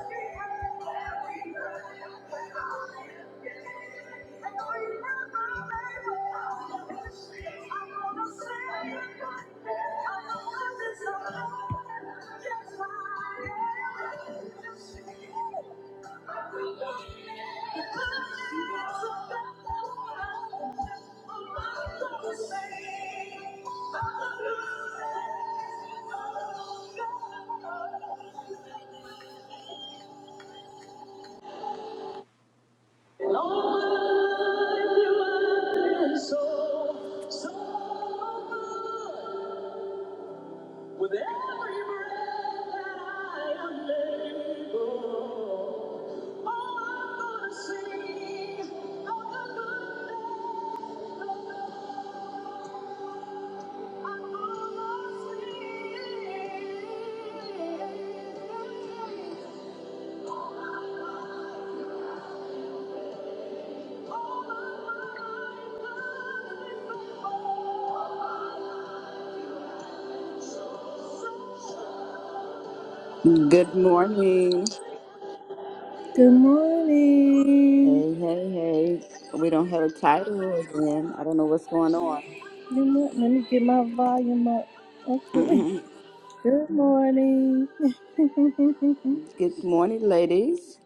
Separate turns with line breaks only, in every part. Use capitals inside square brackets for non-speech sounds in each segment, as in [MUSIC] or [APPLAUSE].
Thank you. Lord. So, so with every breath that I am able, oh, I'm gonna sing of the good that I'm gonna sing. All
Good morning.
my Good morning.
Hey, hey, hey. We don't have a title again. I don't know what's going on.
Good morning. Let me get my volume up. Okay.
Mhm.
Good morning.
Good morning, ladies.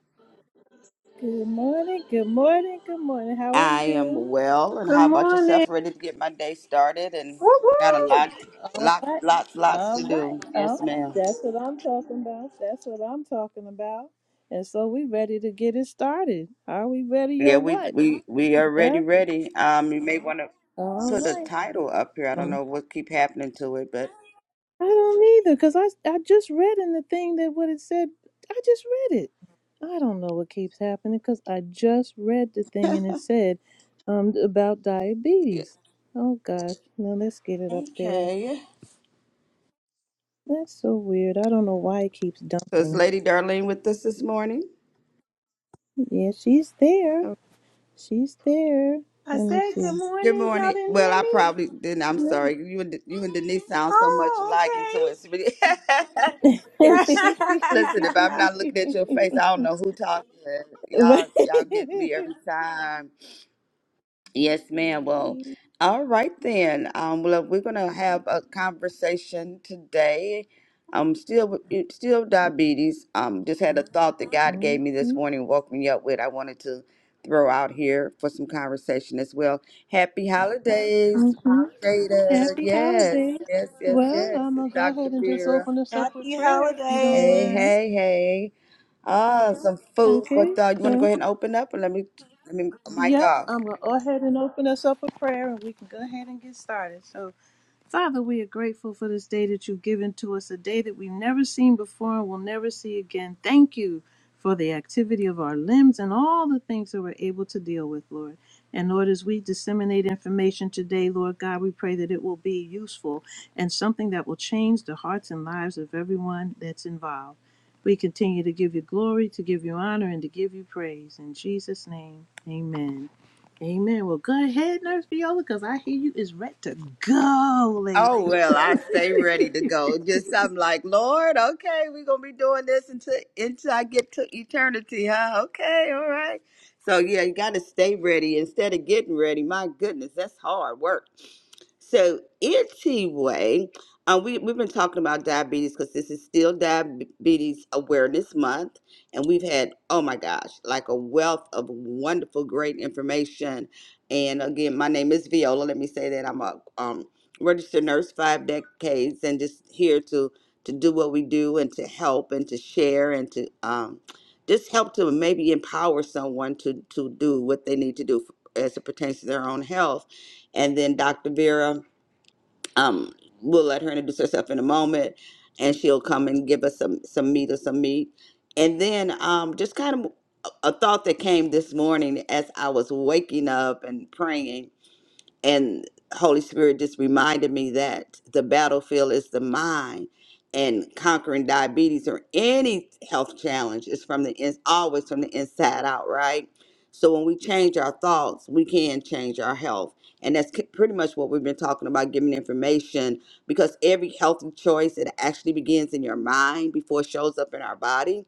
Good morning, good morning, good morning. How are
I am
you?
well, and
Good
how about
morning.
yourself? Ready to get my day started, and
Woo
got a
woo.
lot,
All
lot,
right,
lots, lots to
all right.
do.
Oh,
Yes, ma'am.
that's what I'm talking about. That's what I'm talking about. And so we ready to get it started. Are we ready or
Yeah, we
what?
we we are ready,
Yeah.
ready. Um, you may want to
All
put a
right.
title up here. I don't
Um,
know what keep happening to it, but
I don't either, cause I I just read in the thing that what it said. I just read it. I don't know what keeps happening, cause I just read the thing and it said um about
yeah.
diabetes. Oh gosh. Now let's get it up there.
okay.
That's so weird. I don't know why it keeps
So it's
dumping.
Lady Darlene with us this morning.
Yeah, she's there. She's there.
I
Let me
said
see.
good
Good
morning. Y'all
morning.
didn't
Well,
hear
I
me?
probably didn't. I'm sorry. You and you and Denise sound so much alike until
Oh,
it's really. [LAUGHS] It's- listen, if I'm
okay.
not looking at your face,
[LAUGHS]
I don't know who talking.
But-
Y'all, y'all get me
Happy-
every time. Yes, ma'am. Well, all right then. Um, well, we're gonna have a conversation today. Um, still, with- it- still diabetes. Um, just had a thought that God
mhm,
gave me this morning, woke me up with. I wanted to throw out here for some conversation as well. Happy holidays,
mhm.
Jada.
Happy
Yes,
holidays.
yes, yes,
Well,
yes.
I'm going
It's
to go
Dr.
ahead and just
Vera.
open
[LAUGHS]
this up with
Happy
prayer if you don't
Hey,
mind.
holidays.
hey, hey. Ah, some food for
Okay,
thought. You want to go
so,
ahead and open up, and let me let me mic
yep,
off.
I'm going to go ahead and open us up with prayer and we can go ahead and get started. So, Father, we are grateful for this day that you've given to us, a day that we've never seen before and will never see again. Thank you for the activity of our limbs and all the things that we're able to deal with, Lord. And Lord, as we disseminate information today, Lord God, we pray that it will be useful and something that will change the hearts and lives of everyone that's involved. We continue to give you glory, to give you honor, and to give you praise. In Jesus' name, amen. Amen. Well, go ahead, Nurse Viola, because I hear you is ready to go, lady.
Oh well, I stay ready to go. Just I'm like, Lord, okay, we're gonna be doing this until until I get to eternity, huh? Okay, all right. So yeah, you gotta stay ready instead of getting ready. My goodness, that's hard work. So anyway, um, we we've been talking about diabetes because this is still Diabetes Awareness Month, and we've had oh my gosh, like a wealth of wonderful, great information. And again, my name is Viola. Let me say that I'm a um, registered nurse five decades and just here to to do what we do and to help and to share and to um, just help to maybe empower someone to to do what they need to do as it pertains to their own health and then dr vera um, we'll let her introduce herself in a moment and she'll come and give us some some meat or some meat and then um, just kind of a a thought that came this morning as i was waking up and praying and holy spirit just reminded me that the battlefield is the mind and conquering diabetes or any health challenge is from the in, always from the inside out right so when we change our thoughts we can change our health and that's ki- pretty much what we've been talking about giving information because every healthy choice it actually begins in your mind before it shows up in our body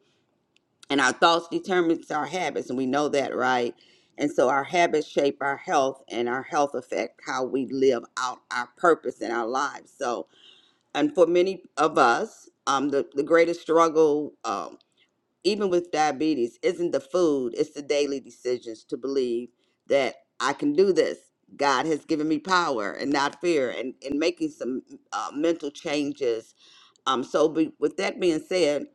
and our thoughts determines our habits and we know that right and so our habits shape our health and our health affect how we live out our purpose in our lives so and for many of us um, the, the greatest struggle um, even with diabetes isn't the food it's the daily decisions to believe that i can do this god has given me power and not fear and, and making some uh, mental changes um, so be, with that being said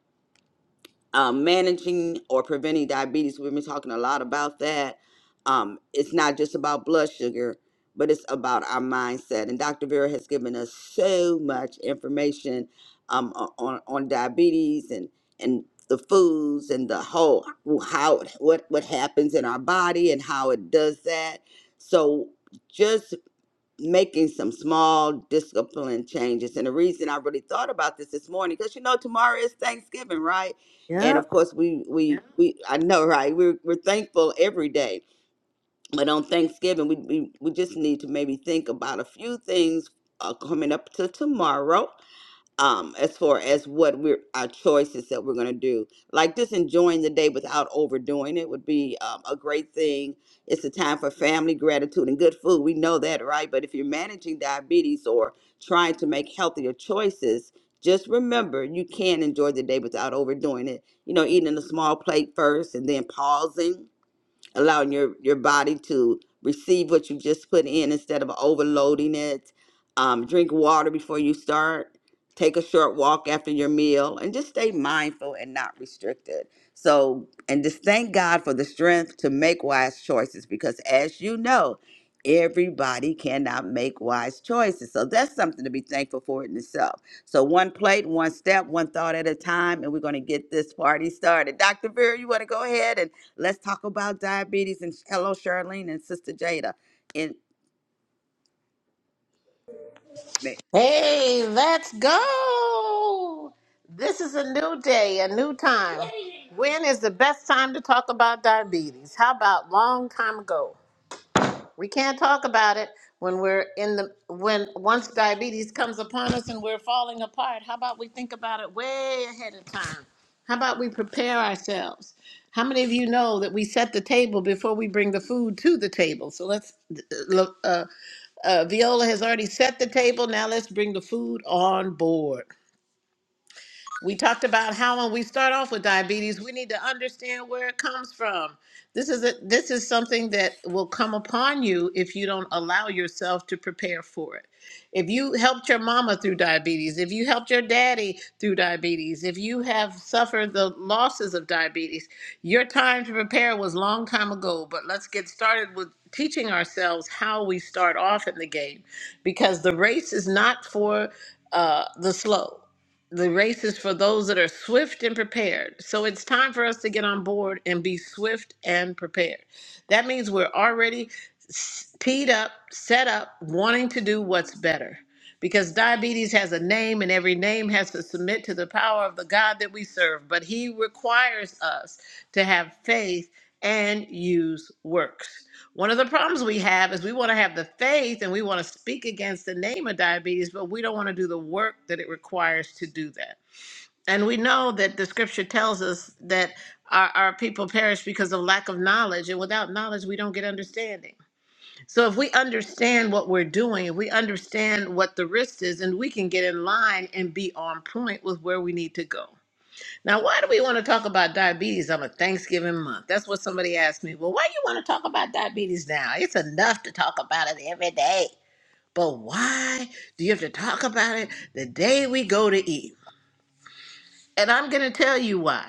um, managing or preventing diabetes. We've been talking a lot about that. Um, it's not just about blood sugar, but it's about our mindset. And Dr. Vera has given us so much information um, o- on on diabetes and and the foods and the whole how what what happens in our body and how it does that. So just making some small discipline changes. And the reason I really thought about this this morning, because you know tomorrow is Thanksgiving, right? And of
Yep.
course we we Yeah. we I know, right? We're we're thankful every day, but on Thanksgiving we we, we just need to maybe think about a few things uh, coming up to tomorrow um as far as what we're our choices that we're going to do like just enjoying the day without overdoing it would be um, a great thing it's a time for family gratitude and good food we know that right but if you're managing diabetes or trying to make healthier choices just remember you can enjoy the day without overdoing it you know eating a small plate first and then pausing allowing your your body to receive what you just put in instead of overloading it um, drink water before you start take a short walk after your meal and just stay mindful and not restricted so and just thank god for the strength to make wise choices because as you know everybody cannot make wise choices so that's something to be thankful for in itself so one plate one step one thought at a time and we're going to get this party started dr vera you want to go ahead and Let's talk about diabetes. And hello, Charlene and Sister Jada. And
Hey, let's go. This is a new day, a new time. When is the best time to talk about diabetes? How about long time ago? We can't talk about it when we're in the when once diabetes comes upon us and we're falling apart. How about we think about it way ahead of time? How about we prepare ourselves? How many of you know that we set the table before we bring the food to the table? So let's uh, uh, Viola has already set the table. Now let's bring the food on board. We talked about how when we start off with diabetes, we need to understand where it comes from. This is a, this is something that will come upon you if you don't allow yourself to prepare for it. If you helped your mama through diabetes, if you helped your daddy through diabetes, if you have suffered the losses of diabetes, your time to prepare was long time ago, but let's get started with teaching ourselves how we start off in the game because the race is not for uh, the slow the race is for those that are swift and prepared. So it's time for us to get on board and be swift and prepared. That means we're already s- teed up, set up, wanting to do what's better. Because diabetes has a name, and every name has to submit to the power of the God that we serve. But He requires us to have faith and use works. One of the problems we have is we want to have the faith and we want to speak against the name of diabetes, but we don't want to do the work that it requires to do that. And we know that the scripture tells us that our, our people perish because of lack of knowledge, and without knowledge, we don't get understanding. So, if we understand what we're doing, if we understand what the risk is, and we can get in line and be on point with where we need to go. Now, why do we want to talk about diabetes on a Thanksgiving month? That's what somebody asked me. Well, why you want to talk about diabetes now? It's enough to talk about it every day. But why do you have to talk about it the day we go to eat? And I'm going to tell you why.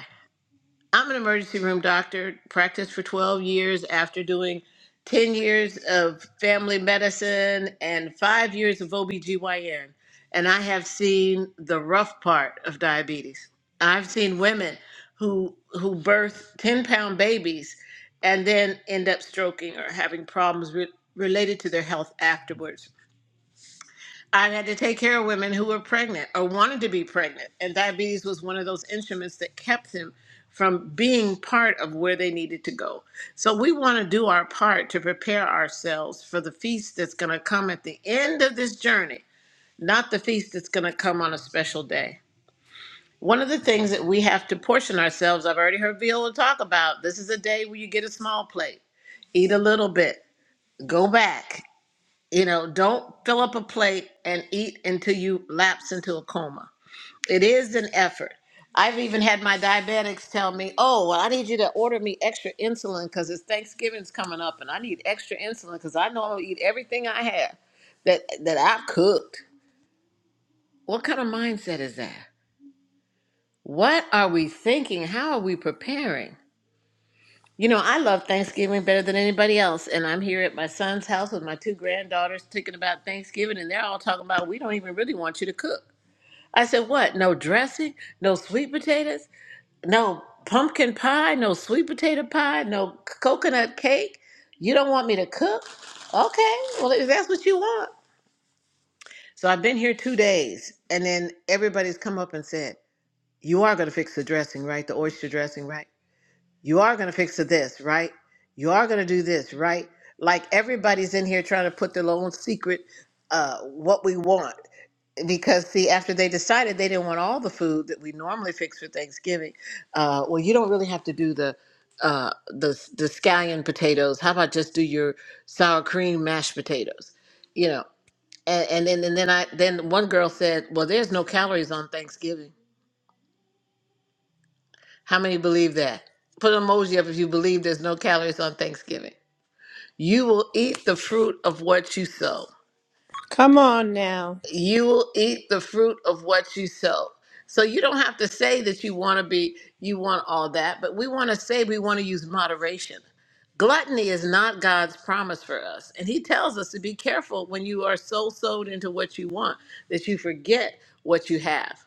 I'm an emergency room doctor, practiced for 12 years after doing 10 years of family medicine and five years of OBGYN. And I have seen the rough part of diabetes. I've seen women who who birth 10 pound babies and then end up stroking or having problems re- related to their health afterwards. I had to take care of women who were pregnant or wanted to be pregnant. And diabetes was one of those instruments that kept them from being part of where they needed to go. So we want to do our part to prepare ourselves for the feast that's going to come at the end of this journey, not the feast that's going to come on a special day. One of the things that we have to portion ourselves, I've already heard Viola talk about this is a day where you get a small plate, eat a little bit, go back. You know, don't fill up a plate and eat until you lapse into a coma. It is an effort. I've even had my diabetics tell me, "Oh, well, I need you to order me extra insulin because it's Thanksgiving's coming up, and I need extra insulin because I know I'll eat everything I have that that I've cooked." What kind of mindset is that? What are we thinking? How are we preparing? You know, I love Thanksgiving better than anybody else, and I'm here at my son's house with my two granddaughters thinking about Thanksgiving, and they're all talking about we don't even really want you to cook. I said, What? No dressing? No sweet potatoes? No pumpkin pie? No sweet potato pie? No c- coconut cake? You don't want me to cook? Okay, well, if that's what you want. So I've been here two days, and then everybody's come up and said, You are going to fix the dressing, right? The oyster dressing, right? You are going to fix this, right? You are going to do this, right? Like everybody's in here trying to put their own secret, uh, what we want. Because, see, after they decided they didn't want all the food that we normally fix for Thanksgiving, uh, well, you don't really have to do the uh the the scallion potatoes how about just do your sour cream mashed potatoes you know and, and then and then i then one girl said well there's no calories on thanksgiving how many believe that put an emoji up if you believe there's no calories on thanksgiving You will eat the fruit of what you sow.
Come on now.
You will eat the fruit of what you sow. So you don't have to say that you want to be, you want all that, but we want to say we want to use moderation. Gluttony is not God's promise for us. And He tells us to be careful when you are so sowed into what you want that you forget what you have.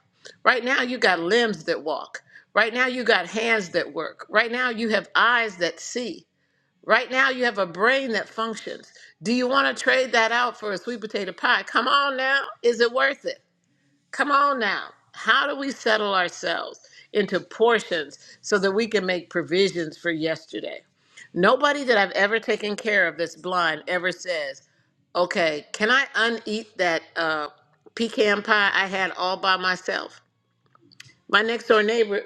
Right now, you got limbs that walk. Right now, you got hands that work. Right now, you have eyes that see. Right now, you have a brain that functions. Do you want to trade that out for a sweet potato pie? Come on now. Is it worth it? Come on now. How do we settle ourselves into portions so that we can make provisions for yesterday? Nobody that I've ever taken care of that's blind ever says, okay, can I uneat that uh, pecan pie I had all by myself? My next door neighbor,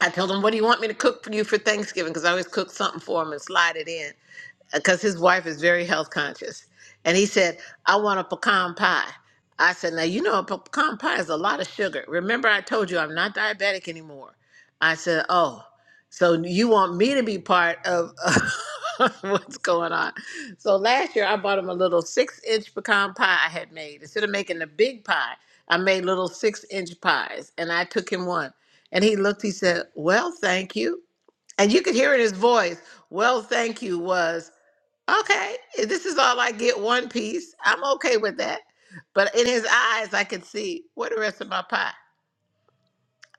I told him, what do you want me to cook for you for Thanksgiving? Because I always cook something for him and slide it in because his wife is very health conscious. And he said, I want a pecan pie. I said, Now, you know, a pecan pie is a lot of sugar. Remember, I told you I'm not diabetic anymore. I said, Oh, so you want me to be part of [LAUGHS] what's going on? So last year, I bought him a little six inch pecan pie I had made. Instead of making a big pie, I made little six inch pies. And I took him one. And he looked, he said, Well, thank you. And you could hear in his voice, Well, thank you was okay, if this is all I get one piece. I'm okay with that. But in his eyes, I could see where the rest of my pie.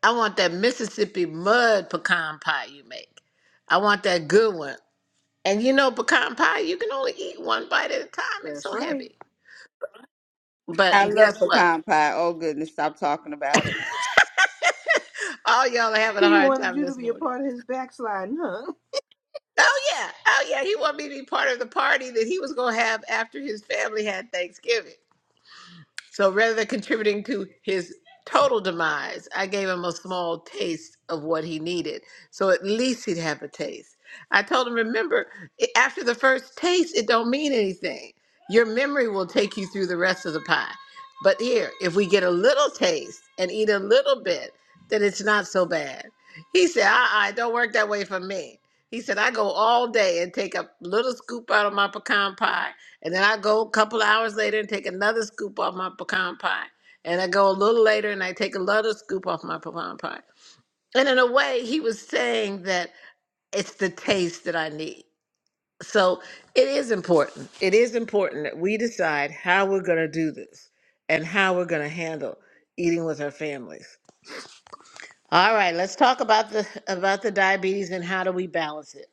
I want that Mississippi mud pecan pie you make. I want that good one. And you know, pecan pie, you can only eat one bite at a time. It's
That's
so
right.
heavy. But
I love
guess what?
pecan pie. Oh goodness, stop talking about it.
All y'all are having a
He
hard
wanted
time
you to
this
be a
morning.
part of his backsliding, huh?
Oh, yeah. Oh, yeah. He wanted me to be part of the party that he was going to have after his family had Thanksgiving. So rather than contributing to his total demise, I gave him a small taste of what he needed. So at least he'd have a taste. I told him, remember, i- after the first taste, it don't mean anything. Your memory will take you through the rest of the pie. But here, if we get a little taste and eat a little bit, then it's not so bad. He said, uh-uh, it don't work that way for me. He said, I go all day and take a little scoop out of my pecan pie and then I go a couple hours later and take another scoop off my pecan pie. And I go a little later and I take another scoop off my pecan pie. And in a way, he was saying that it's the taste that I need. So it is important. It is important that we decide how we're going to do this and how we're going to handle eating with our families. All right, let's talk about the about the diabetes and how do we balance it.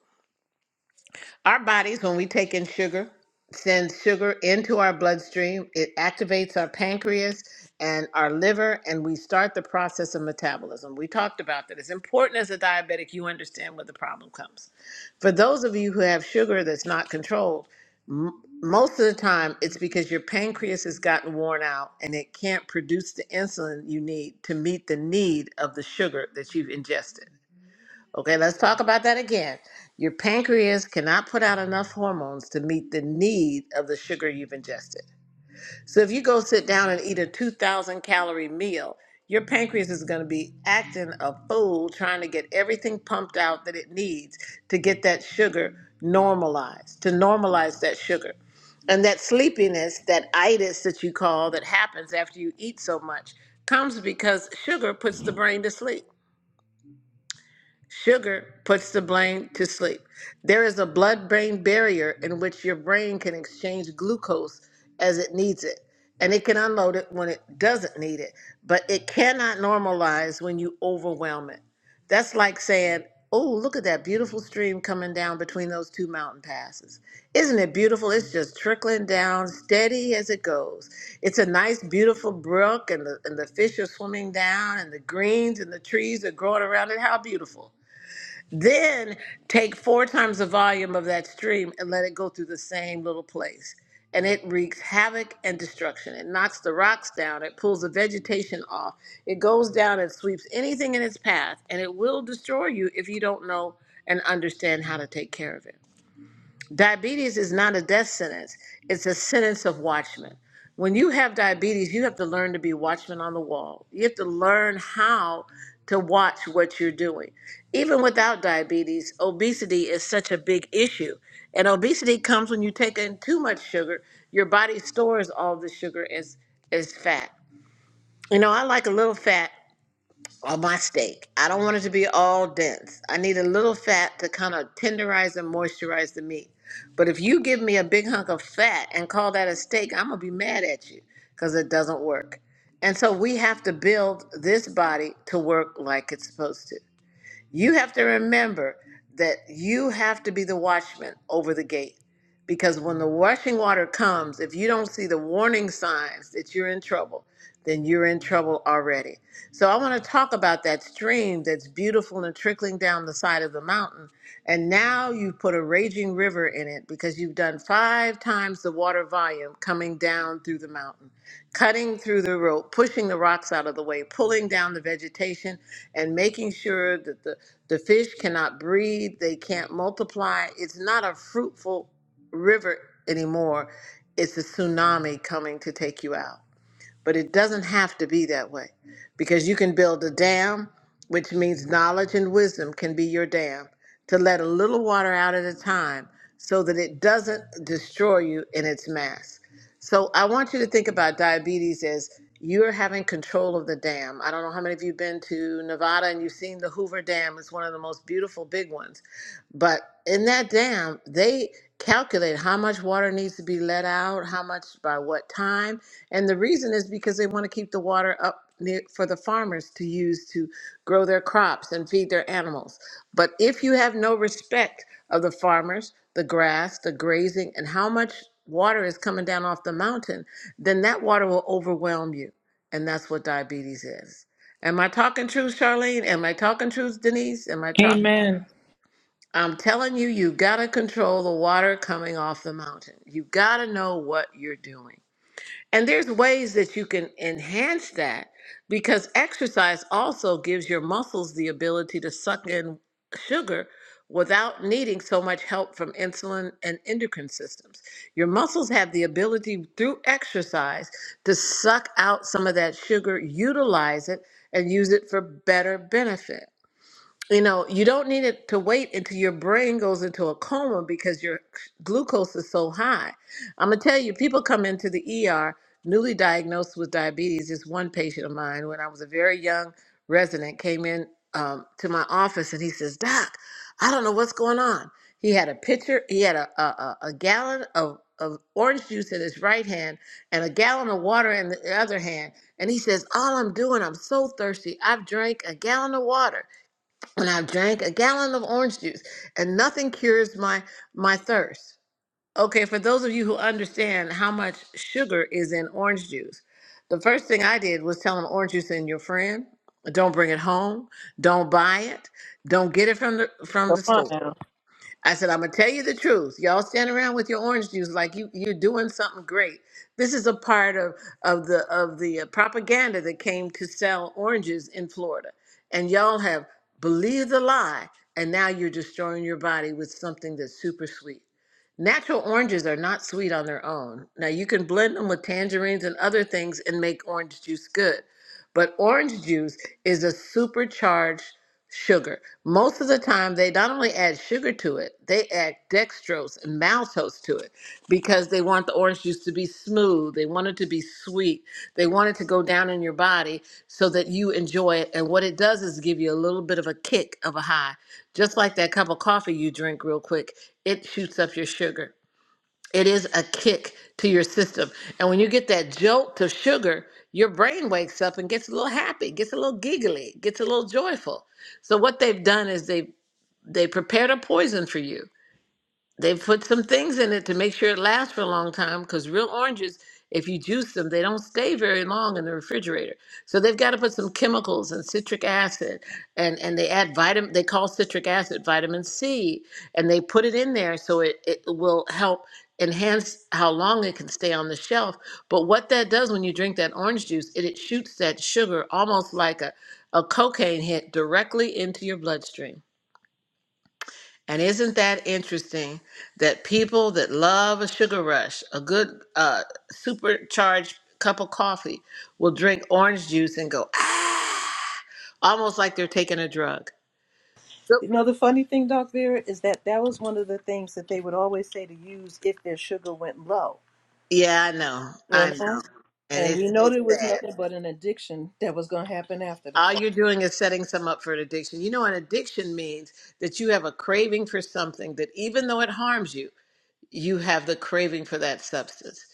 Our bodies, when we take in sugar, sends sugar into our bloodstream. It activates our pancreas and our liver, and we start the process of metabolism. We talked about that. It's important as a diabetic, you understand where the problem comes. For those of you who have sugar that's not controlled, m- most of the time it's because your pancreas has gotten worn out and it can't produce the insulin you need to meet the need of the sugar that you've ingested. Okay, let's talk about that again. Your pancreas cannot put out enough hormones to meet the need of the sugar you've ingested. So if you go sit down and eat a 2,000 calorie meal, your pancreas is going to be acting a fool trying to get everything pumped out that it needs to get that sugar normalized, to normalize that sugar. And that sleepiness, that itis that you call that happens after you eat so much, comes because sugar puts the brain to sleep. Sugar puts the brain to sleep. There is a blood brain barrier in which your brain can exchange glucose as it needs it, and it can unload it when it doesn't need it, but it cannot normalize when you overwhelm it. That's like saying, Oh, look at that beautiful stream coming down between those two mountain passes. Isn't it beautiful? It's just trickling down steady as it goes. It's a nice, beautiful brook, and the, and the fish are swimming down, and the greens and the trees are growing around it. How beautiful. Then take four times the volume of that stream and let it go through the same little place. And it wreaks havoc and destruction. It knocks the rocks down, it pulls the vegetation off, it goes down and sweeps anything in its path, and it will destroy you if you don't know and understand how to take care of it. Diabetes is not a death sentence, it's a sentence of watchmen. When you have diabetes, you have to learn to be watchmen on the wall. You have to learn how to watch what you're doing. Even without diabetes, obesity is such a big issue. And obesity comes when you take in too much sugar. Your body stores all the sugar as, as fat. You know, I like a little fat or my steak. I don't want it to be all dense. I need a little fat to kind of tenderize and moisturize the meat. But if you give me a big hunk of fat and call that a steak, I'm going to be mad at you because it doesn't work. And so we have to build this body to work like it's supposed to. You have to remember that you have to be the watchman over the gate. Because when the rushing water comes, if you don't see the warning signs that you're in trouble, then you're in trouble already. So I want to talk about that stream that's beautiful and trickling down the side of the mountain. And now you've put a raging river in it because you've done five times the water volume coming down through the mountain cutting through the rope, pushing the rocks out of the way, pulling down the vegetation, and making sure that the, the fish cannot breathe, they can't multiply. It's not a fruitful river anymore. It's a tsunami coming to take you out. But it doesn't have to be that way because you can build a dam, which means knowledge and wisdom can be your dam to let a little water out at a time so that it doesn't destroy you in its mass. So I want you to think about diabetes as you're having control of the dam. I don't know how many of you have been to Nevada and you've seen the Hoover Dam. It's one of the most beautiful big ones. But in that dam, they calculate how much water needs to be let out, how much by what time. And the reason is because they want to keep the water up near, for the farmers to use to grow their crops and feed their animals. But if you have no respect of the farmers, the grass, the grazing, and how much water is coming down off the mountain, then that water will overwhelm you. And that's what diabetes is. Am I talking truth, Charlene? Am I talking truth, Denise? Am I talking?
Amen.
I'm telling you, you gotta control the water coming off the mountain. You gotta know what you're doing. And there's ways that you can enhance that because exercise also gives your muscles the ability to suck in sugar without needing so much help from insulin and endocrine systems. Your muscles have the ability through exercise to suck out some of that sugar, utilize it, and use it for better benefit you know, you don't need it to wait until your brain goes into a coma because your glucose is so high. I'm gonna tell you, people come into the ER newly diagnosed with diabetes. This one patient of mine, when I was a very young resident, came in um, to my office and he says, "Doc, I don't know what's going on." He had a pitcher, he had a a, a a gallon of of orange juice in his right hand and a gallon of water in the other hand. And he says, All I'm doing, I'm so thirsty. I've drank a gallon of water and I've drank a gallon of orange juice, and nothing cures my my thirst. Okay, for those of you who understand how much sugar is in orange juice, the first thing I did was tell an orange juice in your friend, don't bring it home, don't buy it, don't get it from the from
Come
the
on
store.
now.
I said, I'm gonna tell you the truth. Y'all stand around with your orange juice like you you're doing something great. This is a part of of the of the uh, propaganda that came to sell oranges in Florida, and y'all have believed the lie, and now you're destroying your body with something that's super sweet. Natural oranges are not sweet on their own. Now you can blend them with tangerines and other things and make orange juice good, but orange juice is a supercharged sugar. Most of the time, they not only add sugar to it, they add dextrose and maltose to it because they want the orange juice to be smooth. They want it to be sweet. They want it to go down in your body so that you enjoy it. And what it does is give you a little bit of a kick of a high. Just like that cup of coffee you drink real quick, it shoots up your sugar. It is a kick to your system. And when you get that jolt to sugar, your brain wakes up and gets a little happy, gets a little giggly, gets a little joyful. So what they've done is they they prepared a poison for you. They've put some things in it to make sure it lasts for a long time because real oranges, if you juice them, they don't stay very long in the refrigerator. So they've got to put some chemicals and citric acid and, and they add vitamin, they call citric acid vitamin C, and they put it in there so it, it will help enhance how long it can stay on the shelf. But what that does when you drink that orange juice, it, it shoots that sugar almost like a, a cocaine hit directly into your bloodstream. And isn't that interesting that people that love a sugar rush, a good uh, supercharged cup of coffee, will drink orange juice and go, ah, almost like they're taking a drug. So-
You know, the funny thing, Doc Vera, is that that was one of the things that they would always say to use if their sugar went low,
yeah, I know.
you
I
know?
know. And
And we
it's,
know
it's
there was
sad.
nothing but an addiction that was going to happen after the
All
fact.
you're doing is setting some up for an addiction. You know, an addiction means that you have a craving for something that, even though it harms you, you have the craving for that substance.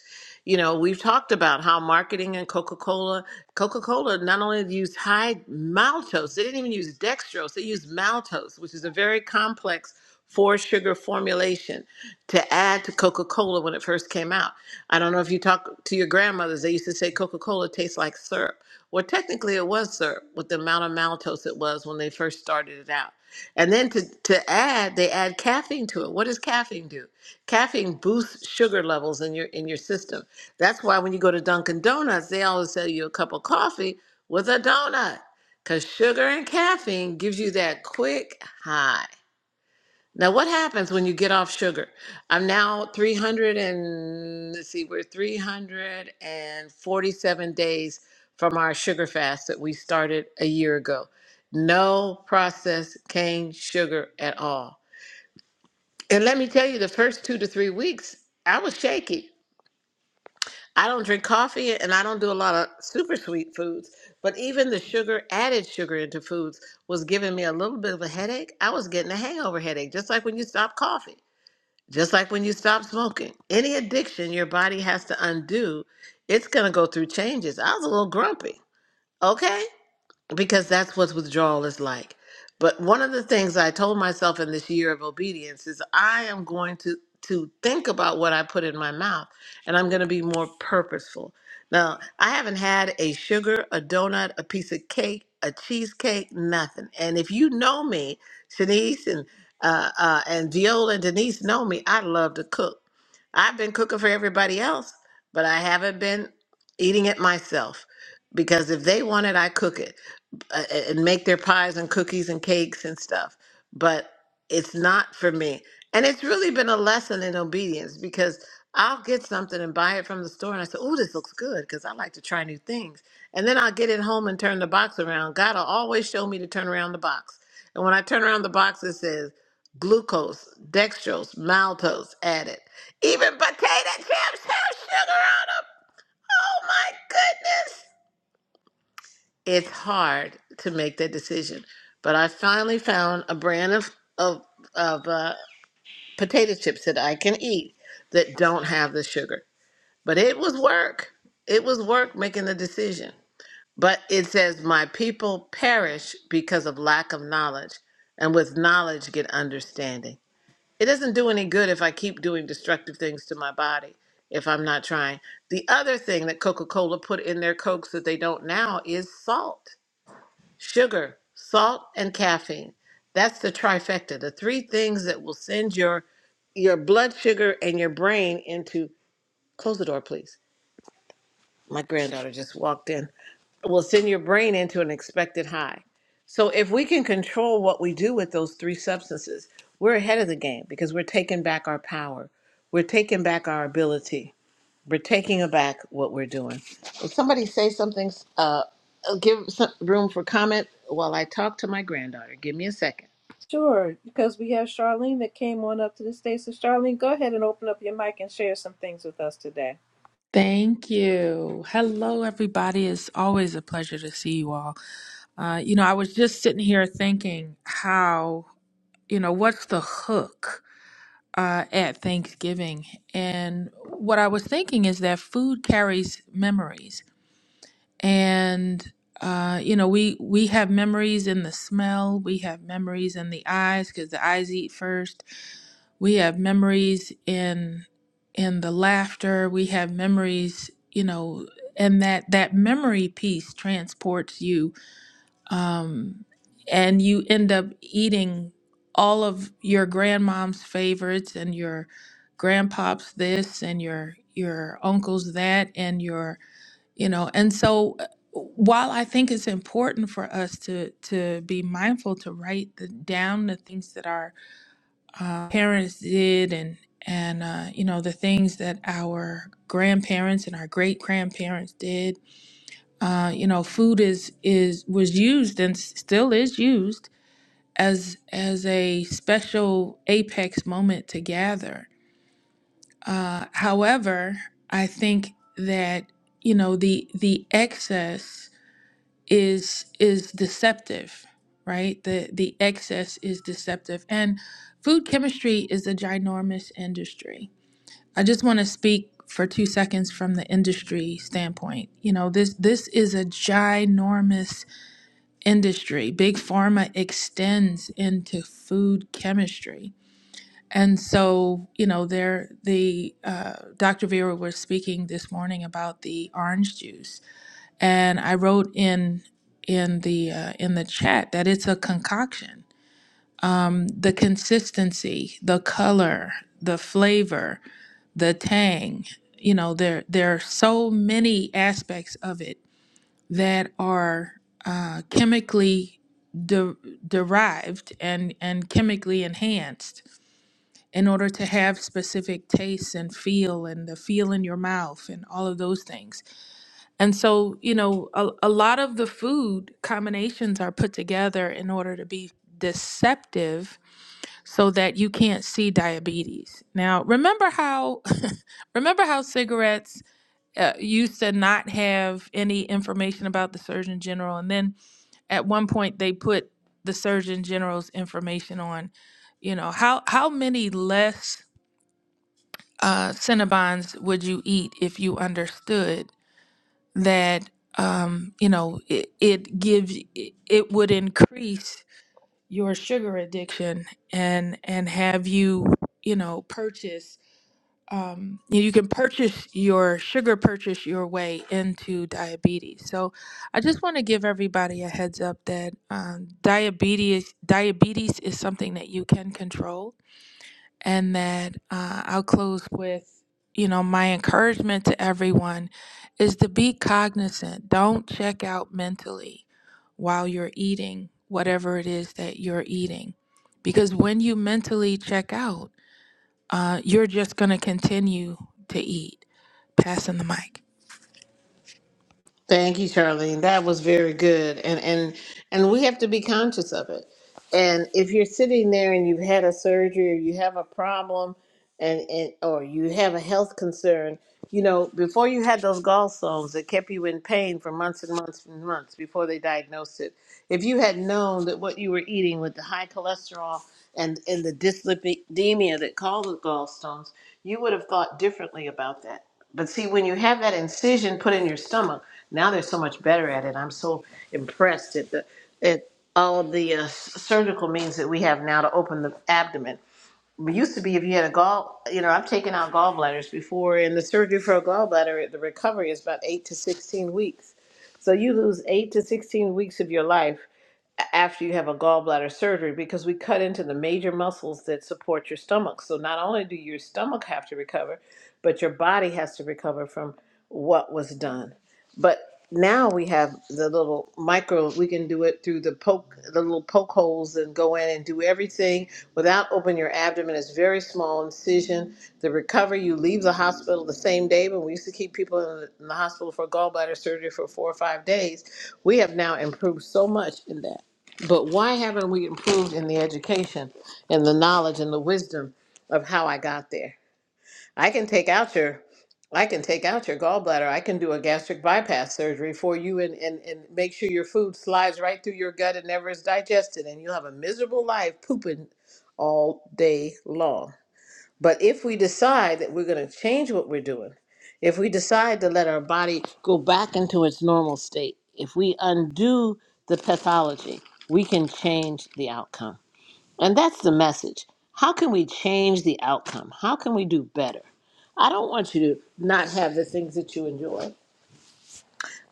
You know, we've talked about how marketing and Coca Cola, Coca Cola not only used high maltose, they didn't even use dextrose, they used maltose, which is a very complex four sugar formulation to add to Coca Cola when it first came out. I don't know if you talk to your grandmothers, they used to say Coca Cola tastes like syrup. Well, technically, it was syrup with the amount of maltose it was when they first started it out. And then to, to add, they add caffeine to it. What does caffeine do? Caffeine boosts sugar levels in your in your system. That's why when you go to Dunkin' Donuts, they always sell you a cup of coffee with a donut, because sugar and caffeine gives you that quick high. Now, what happens when you get off sugar? I'm now 300 and let's see, we're 347 days from our sugar fast that we started a year ago. No processed cane sugar at all. And let me tell you, the first two to three weeks, I was shaky. I don't drink coffee and I don't do a lot of super sweet foods, but even the sugar, added sugar into foods, was giving me a little bit of a headache. I was getting a hangover headache, just like when you stop coffee, just like when you stop smoking. Any addiction your body has to undo, it's going to go through changes. I was a little grumpy. Okay because that's what withdrawal is like. But one of the things I told myself in this year of obedience is I am going to to think about what I put in my mouth and I'm going to be more purposeful. Now, I haven't had a sugar, a donut, a piece of cake, a cheesecake, nothing. And if you know me, Shanice and uh, uh, and Viola and Denise know me, I love to cook. I've been cooking for everybody else, but I haven't been eating it myself because if they want it, I cook it uh, and make their pies and cookies and cakes and stuff. But it's not for me. And it's really been a lesson in obedience because I'll get something and buy it from the store. And I say, oh, this looks good because I like to try new things. And then I'll get it home and turn the box around. God will always show me to turn around the box. And when I turn around the box, it says glucose, dextrose, maltose added, even potato chips have sugar on them. Oh my goodness it's hard to make that decision. But I finally found a brand of of of uh, potato chips that I can eat that don't have the sugar. But it was work. It was work making the decision. But it says, "My people perish because of lack of knowledge, and with knowledge get understanding." It doesn't do any good if I keep doing destructive things to my body if I'm not trying. The other thing that Coca-Cola put in their cokes that they don't now is salt sugar, salt, and caffeine. That's the trifecta, the three things that will send your your blood sugar and your brain into close the door, please. My granddaughter just walked in. Will send your brain into an expected high. So if we can control what we do with those three substances, we're ahead of the game because we're taking back our power. We're taking back our ability we're taking aback what we're doing. Will somebody say something? Uh, uh, give some room for comment while I talk to my granddaughter. Give me a second.
Sure, because we have Charlene that came on up to the stage. So, Charlene, go ahead and open up your mic and share some things with us today.
Thank you. Hello, everybody. It's always a pleasure to see you all. Uh, you know, I was just sitting here thinking how, you know, what's the hook uh, at Thanksgiving? And what I was thinking is that food carries memories. And, uh, you know, we, we have memories in the smell, we have memories in the eyes because the eyes eat first we have memories in in the laughter we have memories you know and that that memory piece transports you um and you end up eating all of your grandmom's favorites and your grandpop's this and your your uncle's that and your you know and so uh, while i think it's important for us to to be mindful to write the, down the things that are uh, parents did and and uh, you know the things that our grandparents and our great grandparents did uh, you know food is is was used and s- still is used as as a special apex moment to gather uh, however i think that you know the the excess is is deceptive right the the excess is deceptive and food chemistry is a ginormous industry i just want to speak for 2 seconds from the industry standpoint you know this this is a ginormous industry big pharma extends into food chemistry and so you know there the uh, dr vera was speaking this morning about the orange juice and I wrote in in the uh, in the chat that it's a concoction. The consistency, the color, the flavor, the tang. You know, there there are so many aspects of it that are uh, chemically de- derived and and chemically enhanced in order to have specific tastes and feel and the feel in your mouth and all of those things and so, you know, a, a lot of the food combinations are put together in order to be deceptive so that you can't see diabetes. Now, remember how [LAUGHS] remember how cigarettes uh, used to not have any information about the surgeon general and then at one point they put the surgeon general's information on, you know, how how many less uh Cinnabons would you eat if you understood that um, you know it, it gives it, it would increase your sugar addiction and and have you you know purchase um, you you can purchase your sugar purchase your way into diabetes so i just want to give everybody a heads up that um, diabetes diabetes is something that you can control and that uh, I'll close with, you know, my encouragement to everyone is to be cognizant. Don't check out mentally while you're eating whatever it is that you're eating. Because when you mentally check out, uh, you're just going to continue to eat. Passing the mic.
Thank you, Charlene. That was very good, and and and we have to be conscious of it. And if you're sitting there and you've had a surgery or you have a problem, and, and or you have a health concern, you know, before you had those gallstones that kept you in pain for months and months and months before they diagnosed it, if you had known that what you were eating with the high cholesterol and, and the dyslipidemia that caused the gallstones, you would have thought differently about that. But see, when you have that incision put in your stomach, now they're so much better at it. I'm so impressed at the at all the uh, surgical means that we have now to open the abdomen. It used to be if you had a gall, you know, I've taken out gallbladders before, and the surgery for a gallbladder, the recovery is about eight to 16 weeks. So you lose eight to 16 weeks of your life after you have a gallbladder surgery because we cut into the major muscles that support your stomach. So not only do your stomach have to recover, but your body has to recover from what was done. But now we have the little micro we can do it through the poke the little poke holes and go in and do everything without opening your abdomen it's very small incision the recovery you leave the hospital the same day when we used to keep people in the, in the hospital for gallbladder surgery for four or five days we have now improved so much in that but why haven't we improved in the education and the knowledge and the wisdom of how I got there? I can take out your I can take out your gallbladder. I can do a gastric bypass surgery for you and, and, and make sure your food slides right through your gut and never is digested and you'll have a miserable life pooping all day long. But if we decide that we're going to change what we're doing, if we decide to let our body go back into its normal state, if we undo the pathology, we can change the outcome. And that's the message. How can we change the outcome? How can we do better? I don't want you to not have the things that you enjoy,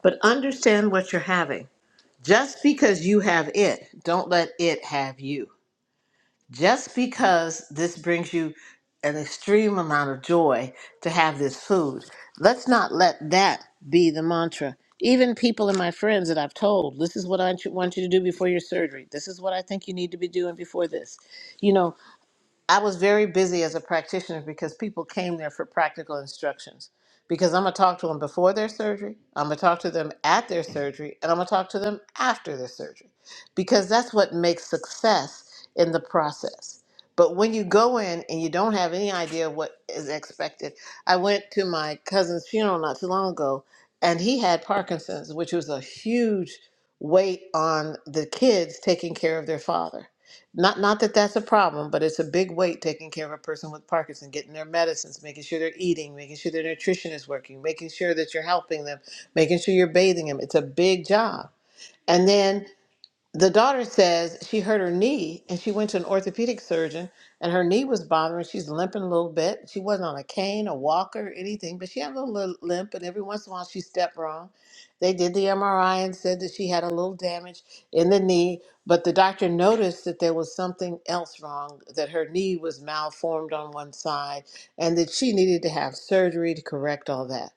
but understand what you're having. Just because you have it, don't let it have you just because this brings you an extreme amount of joy to have this food, let's not let that be the mantra. Even people and my friends that I've told, this is what I want you want you to do before your surgery. This is what I think you need to be doing before this. You know, I was very busy as a practitioner because people came there for practical instructions. Because I'm going to talk to them before their surgery, I'm going to talk to them at their surgery, and I'm going to talk to them after their surgery. Because that's what makes success in the process. But when you go in and you don't have any idea of what is expected, I went to my cousin's funeral not too long ago, and he had Parkinson's, which was a huge weight on the kids taking care of their father not not that that's a problem, but it's a big weight taking care of a person with Parkinson, getting their medicines, making sure they're eating, making sure their nutrition is working, making sure that you're helping them, making sure you're bathing them. It's a big job. And then the daughter says she hurt her knee and she went to an orthopedic surgeon and her knee was bothering. She's limping a little bit. She wasn't on a cane, a walker, anything, but she had a little limp and every once in a while she stepped wrong. They did the MRI and said that she had a little damage in the knee, but the doctor noticed that there was something else wrong, that her knee was malformed on one side and that she needed to have surgery to correct all that.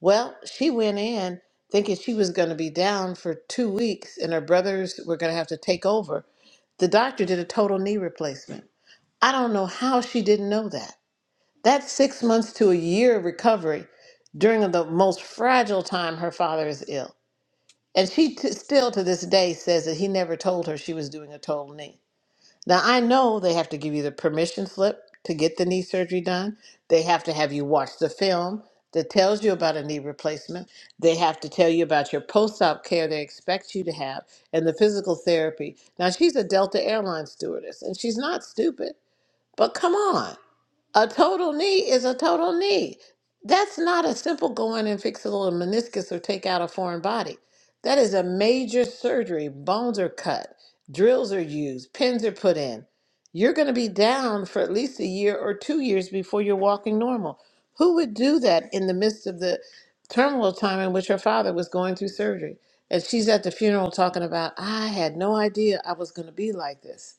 Well, she went in thinking she was going to be down for two weeks and her brothers were going to have to take over. The doctor did a total knee replacement. I don't know how she didn't know that. That's six months to a year of recovery during the most fragile time her father is ill. And she t- still to this day says that he never told her she was doing a total knee. Now, I know they have to give you the permission slip to get the knee surgery done. They have to have you watch the film that tells you about a knee replacement. They have to tell you about your post op care they expect you to have and the physical therapy. Now, she's a Delta Airlines stewardess and she's not stupid, but come on. A total knee is a total knee. That's not a simple go in and fix a little meniscus or take out a foreign body. That is a major surgery. Bones are cut, drills are used, pins are put in. You're going to be down for at least a year or two years before you're walking normal. Who would do that in the midst of the terminal time in which her father was going through surgery? And she's at the funeral talking about, I had no idea I was going to be like this.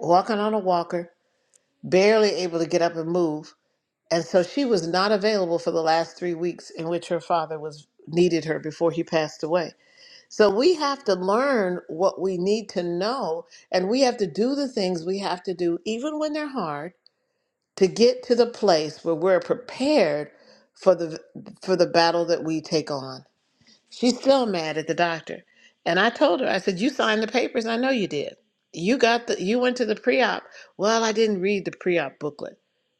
Walking on a walker, barely able to get up and move and so she was not available for the last three weeks in which her father was needed her before he passed away. So we have to learn what we need to know and we have to do the things we have to do, even when they're hard, to get to the place where we're prepared for the for the battle that we take on. She's still mad at the doctor. And I told her, I said, You signed the papers. I know you did. You got the you went to the pre-op. Well, I didn't read the pre-op booklet.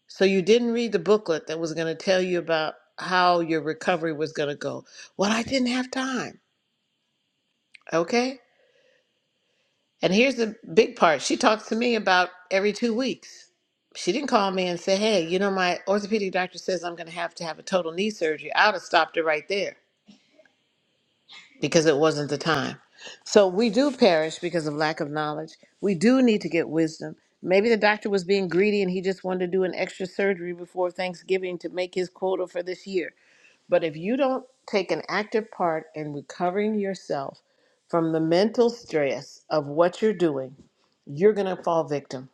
So you didn't read the booklet that was gonna tell you about how your recovery was gonna go. Well, I didn't have time. Okay? And here's the big part. She talks to me about every two weeks. She didn't call me and say, Hey, you know, my orthopedic doctor says I'm gonna have to have a total knee surgery. I would have stopped her right there. because it wasn't the time. So we do perish because of lack of knowledge. We do need to get wisdom. Maybe the doctor was being greedy and he just wanted to do an extra surgery before Thanksgiving to make his quota for this year. But if you don't take an active part in recovering yourself from the mental stress of what you're doing, you're going to fall victim.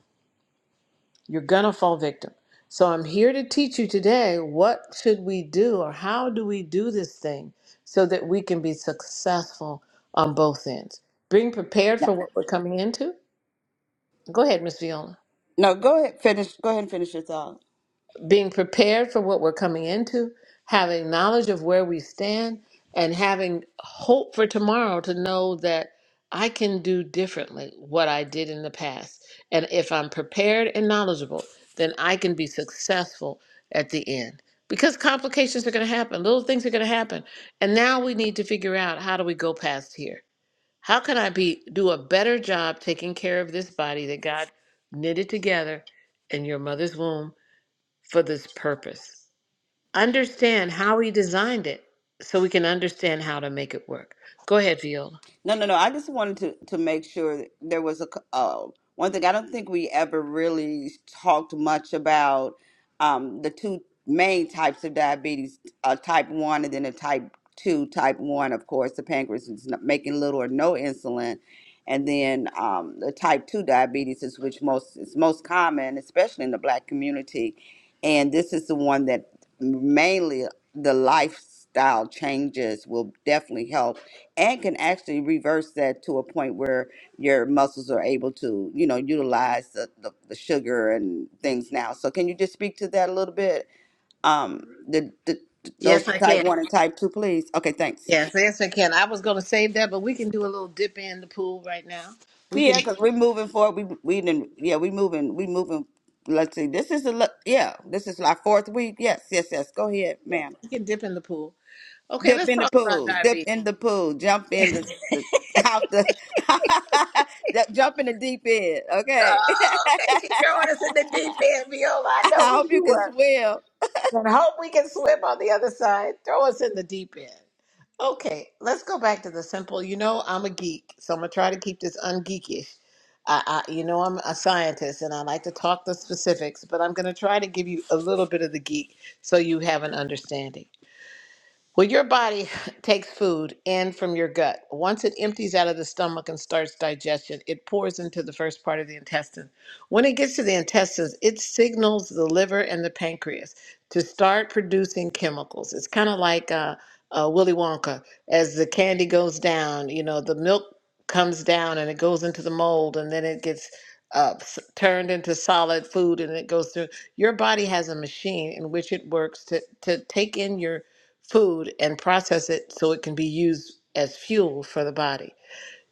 You're gonna fall victim. So I'm here to teach you today what should we do or how do we do this thing so that we can be successful on both ends. Being prepared
No,
for what we're coming into. Go ahead, Miss Viola.
no, go ahead, finish. Go ahead and finish your thought.
being prepared for what we're coming into, having knowledge of where we stand, and having hope for tomorrow to know that I can do differently what I did in the past. And if I'm prepared and knowledgeable, then I can be successful at the end. Because complications are going to happen, little things are going to happen. And now we need to figure out how do we go past here? How can I be do a better job taking care of this body that God knitted together in your mother's womb for this purpose. Understand how He designed it so we can understand how to make it work. Go ahead, Viola.
No, no, no. I just wanted to to make sure that there was a c- uh, one thing. I don't think we ever really talked much about um, the two main types of diabetes, uh, type one and then a type two. Type one, of course, the pancreas is not making little or no insulin, and then um, the type two diabetes is which most is most common, especially in the Black community, and this is the one that mainly the lifestyle changes will definitely help and can actually reverse that to a point where your muscles are able to, you know, utilize the, the, the sugar and things now. So can you just speak to that a little bit? Um, the, the
Yes,
those
I
type
can.
one and type two, please. Okay, thanks.
Yes, yes, I can. I was going to save that, but we can do a little dip in the pool right now. We can,
Yeah, because
yeah,
we're moving forward. We we didn't. Yeah, we moving. We moving. Let's see. This is a le- yeah. This is our fourth week. Yes, yes, yes. Go ahead, ma'am.
we can dip in the pool. Okay,
Dip
let's
in the
talk about
pool. Dip
diabetes.
in the pool. Jump in the, the out the [LAUGHS] Ju- jump in the deep end. Okay.
Oh, okay, she's
[LAUGHS]
throwing us in the deep end, Viola. I
I
know who
hope you
you
can
were.
swim.
And hope we can swim on the other side. Throw us in the deep end. Okay, let's go back to the simple. You know, I'm a geek, so I'm gonna try to keep this ungeekish. I, I, you know, I'm a scientist and I like to talk the specifics, but I'm gonna try to give you a little bit of the geek so you have an understanding. Well, your body [LAUGHS] takes food in from your gut. Once it empties out of the stomach and starts digestion, it pours into the first part of the intestine. When it gets to the intestines, it signals the liver and the pancreas to start producing chemicals. It's kind of like uh, uh, Willy Wonka. As the candy goes down, you know, the milk comes down and it goes into the mold and then it gets uh, s- turned into solid food and it goes through. Your body has a machine in which it works to, to take in your food and process it so it can be used as fuel for the body.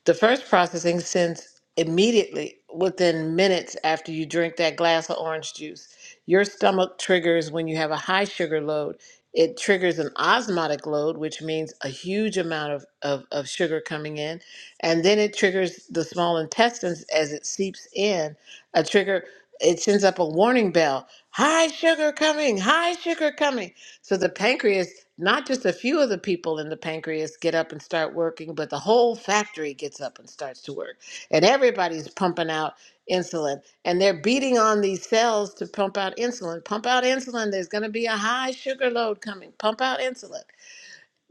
The first processing sends immediately within minutes after you drink that glass of orange juice. Your stomach triggers when you have a high sugar load. It triggers an osmotic load, which means a huge amount of, of, of sugar coming in. And then it triggers the small intestines as it seeps in. A trigger, it sends up a warning bell high sugar coming, high sugar coming so the pancreas, not just a few of the people in the pancreas get up and start working, but the whole factory gets up and starts to work. And everybody's pumping out insulin and they're beating on these cells to pump out insulin. Pump out insulin, there's going to be a high sugar load coming. Pump out insulin.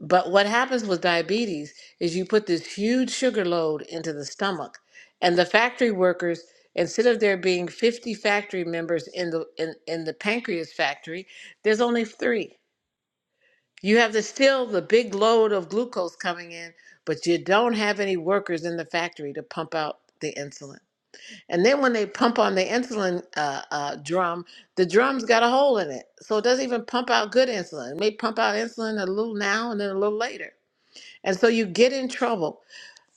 But what happens with diabetes is you put this huge sugar load into the stomach and the factory workers instead of there being 50 factory members in the in, in the pancreas factory there's only 3 you have the still the big load of glucose coming in, but you don't have any workers in the factory to pump out the insulin. And then when they pump on the insulin uh, uh, drum, the drum's got a hole in it, so it doesn't even pump out good insulin. It may pump out insulin a little now and then a little later, and so you get in trouble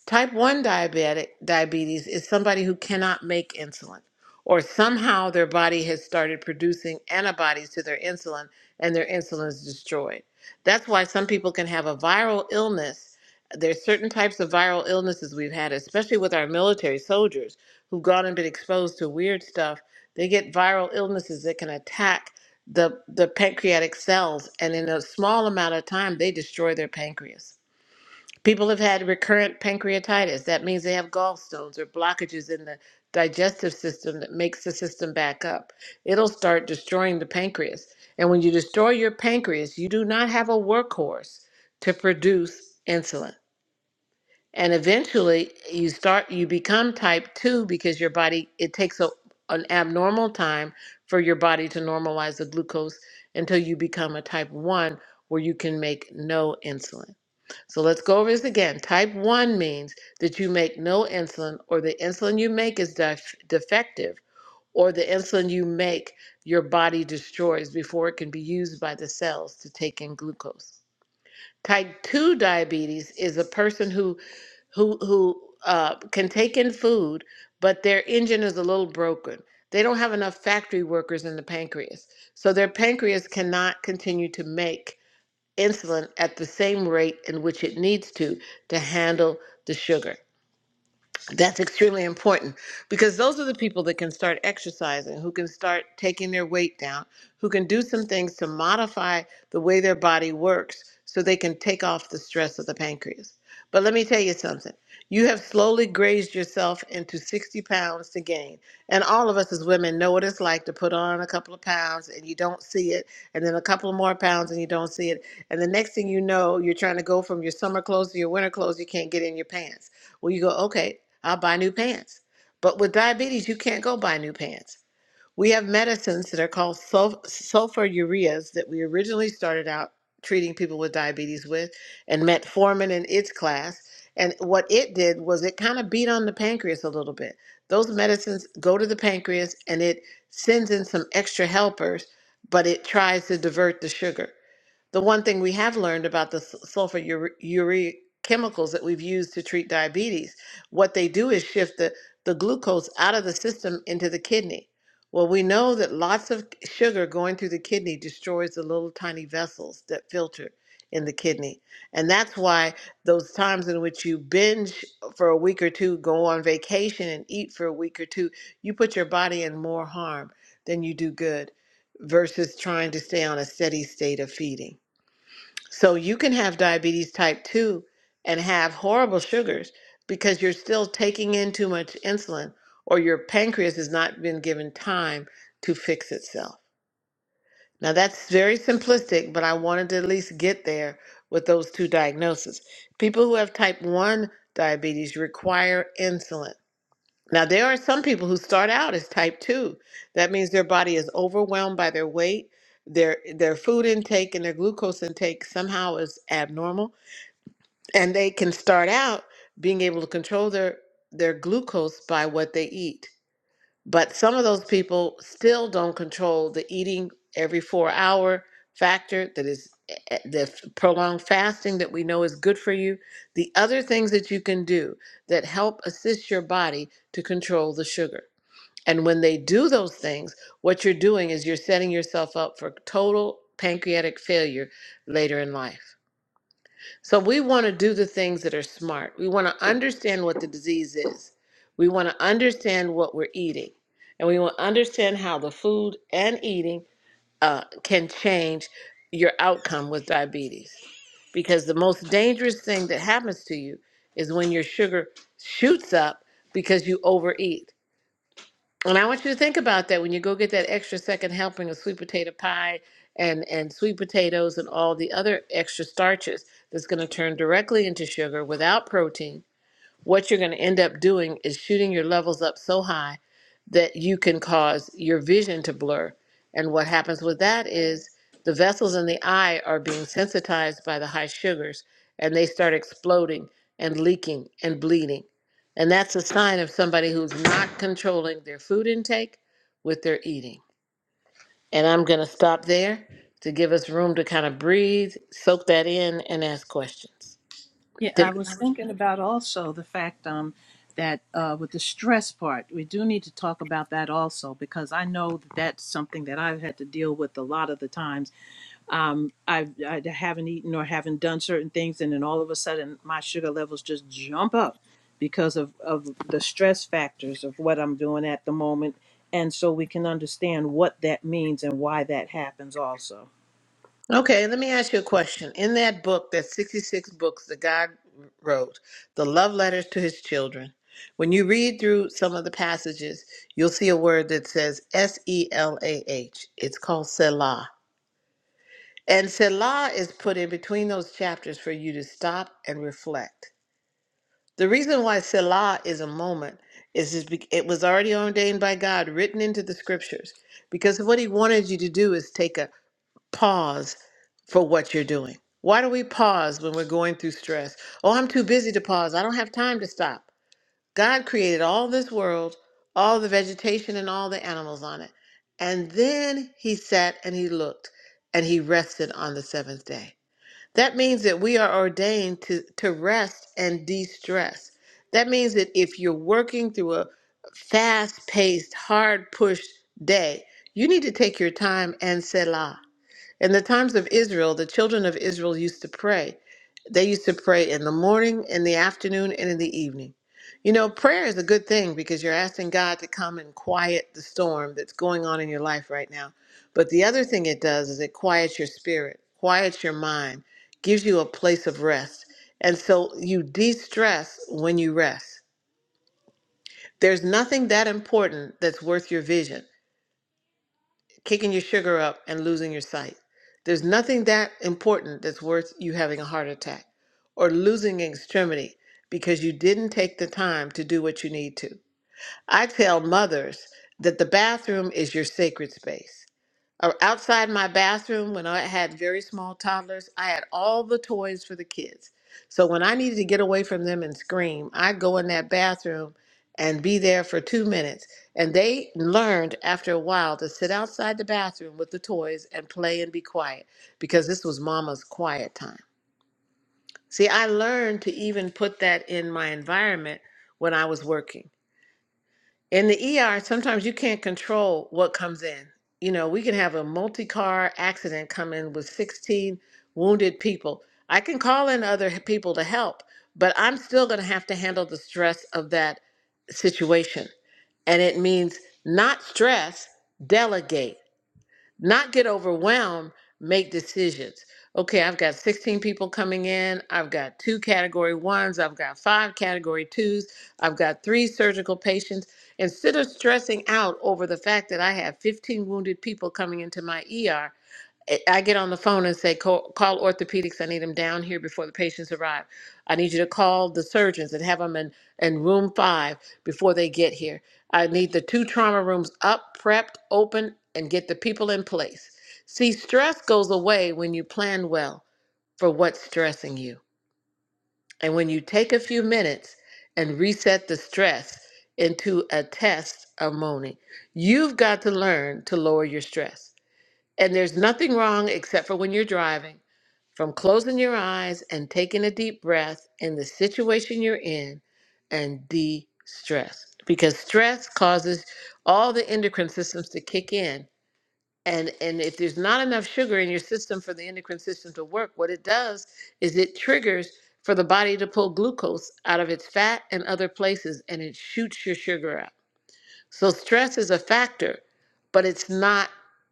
Type 1 diabetic diabetes is somebody who cannot make insulin or somehow their body has started producing antibodies to their insulin and their insulin is destroyed. That's why some people can have a viral illness. There's certain types of viral illnesses we've had, especially with our military soldiers who've gone and been exposed to weird stuff. They get viral illnesses that can attack the, the pancreatic cells, and in a small amount of time, they destroy their pancreas People have had recurrent pancreatitis. That means they have gallstones or blockages in the digestive system that makes the system back up. It'll start destroying the pancreas. And when you destroy your pancreas, you do not have a workhorse to produce insulin. And eventually you start you become type 2 because your body it takes a, an abnormal time for your body to normalize the glucose until you become a type 1 where you can make no insulin. So let's go over this again. Type 1 means that you make no insulin, or the insulin you make is def- defective, or the insulin you make your body destroys before it can be used by the cells to take in glucose. Type 2 diabetes is a person who who who uh, can take in food, but their engine is a little broken. They don't have enough factory workers in the pancreas, so their pancreas cannot continue to make insulin at the same rate in which it needs to to handle the sugar. That's extremely important because those are the people that can start exercising, who can start taking their weight down, who can do some things to modify the way their body works so they can take off the stress of the pancreas. But let me tell you something you have slowly grazed yourself into 60 pounds to gain. And all of us as women know what it's like to put on a couple of pounds and you don't see it, and then a couple of more pounds and you don't see it. And the next thing you know, you're trying to go from your summer clothes to your winter clothes, you can't get in your pants. Well, you go, okay, I'll buy new pants. But with diabetes, you can't go buy new pants. We have medicines that are called sul- sulfonylureas that we originally started out treating people with diabetes with, and metformin in its class. And what it did was it kind of beat on the pancreas a little bit. Those medicines go to the pancreas and it sends in some extra helpers, but it tries to divert the sugar. The one thing we have learned about the s- sulfur ure- urea chemicals that we've used to treat diabetes, what they do is shift the, the glucose out of the system into the kidney. Well, we know that lots of sugar going through the kidney destroys the little tiny vessels that filter in the kidney. And that's why those times in which you binge for a week or two, go on vacation and eat for a week or two, you put your body in more harm than you do good versus trying to stay on a steady state of feeding. So you can have diabetes type 2 and have horrible sugars because you're still taking in too much insulin or your pancreas has not been given time to fix itself. Now that's very simplistic, but I wanted to at least get there with those two diagnoses. People who have type 1 diabetes require insulin. Now there are some people who start out as type 2. That means their body is overwhelmed by their weight, their their food intake and their glucose intake somehow is abnormal and they can start out being able to control their their glucose by what they eat but some of those people still don't control the eating every four hour factor that is eh, eh, the f- prolonged fasting that we know is good for you the other things that you can do that help assist your body to control the sugar and when they do those things what you're doing is you're setting yourself up for total pancreatic failure later in life so we want to do the things that are smart. We want to understand what the disease is. We want to understand what we're eating. And we want to understand how the food and eating uh, can change your outcome with diabetes. Because the most dangerous thing that happens to you is when your sugar shoots up because you overeat. And I want you to think about that when you go get that extra second helping of sweet potato pie and, and sweet potatoes and all the other extra starches that's going to turn directly into sugar without protein what you're going to end up doing is shooting your levels up so high that you can cause your vision to blur. And what happens with that is the vessels in the eye are being sensitized by the high sugars and they start exploding and leaking and bleeding. And that's a sign of somebody who's not controlling their food intake with their eating. And I'm going to stop there to give us room to kind of breathe, soak that in, and ask questions.
Yeah, I
Did
was thinking about also the fact um, that uh, with the stress part, we do need to talk about that also because I know that that's something that I've had to deal with a lot of the times. Um, I, I haven't eaten or haven't done certain things, and then all of a sudden my sugar levels just jump up because of, of the stress factors of what I'm doing at the moment. And so we can understand what that means and why that happens also.
Okay, let me ask you a question. In that book, that 66 books that God wrote, the love letters to his children, when you read through some of the passages, you'll see a word that says S E L A H. It's called Selah. And Selah is put in between those chapters for you to stop and reflect. The reason why Selah is a moment is is be- it was already ordained by God, written into the scriptures, because what he wanted you to do is take a pause for what you're doing. Why do we pause when we're going through stress? Oh, I'm too busy to pause. I don't have time to stop. God created all this world, all the vegetation and all the animals on it. And then he sat and he looked and he rested on the seventh day. That means that we are ordained to, to rest and de stress. That means that if you're working through a fast paced, hard pushed day, you need to take your time and settle. In the times of Israel, the children of Israel used to pray. They used to pray in the morning, in the afternoon, and in the evening. You know, prayer is a good thing because you're asking God to come and quiet the storm that's going on in your life right now. But the other thing it does is it quiets your spirit, quiets your mind, gives you a place of rest. And so you de stress when you rest. There's nothing that important that's worth your vision kicking your sugar up and losing your sight. There's nothing that important that's worth you having a heart attack or losing an extremity because you didn't take the time to do what you need to. I tell mothers that the bathroom is your sacred space or outside my bathroom when I had very small toddlers, I had all the toys for the kids. So when I needed to get away from them and scream, I'd go in that bathroom and be there for two minutes. And they learned after a while to sit outside the bathroom with the toys and play and be quiet because this was mama's quiet time. See, I learned to even put that in my environment when I was working. In the ER, sometimes you can't control what comes in. You know, we can have a multi car accident come in with 16 wounded people. I can call in other h- people to help, but I'm still going to have to handle the stress of that situation. And it means not stress, delegate not get overwhelmed, make decisions. Okay, I've got 16 people coming in. I've got two category ones. I've got five category twos. I've got three surgical patients. Instead of stressing out over the fact that I have 15 wounded people coming into my ER, I get on the phone and say, call, call orthopedics. I need them down here before the patients arrive. I need you to call the surgeons and have them in, in room five before they get here. I need the two trauma rooms up, prepped, open, and get the people in place. See, stress goes away when you plan well for what's stressing you. And when you take a few minutes and reset the stress into a test of moaning, you've got to learn to lower your stress. And there's nothing wrong except for when you're driving from closing your eyes and taking a deep breath in the situation you're in and de stress. Because stress causes all the endocrine systems to kick in. And, and if there's not enough sugar in your system for the endocrine system to work, what it does is it triggers for the body to pull glucose out of its fat and other places and it shoots your sugar up. So stress is a factor, but it's not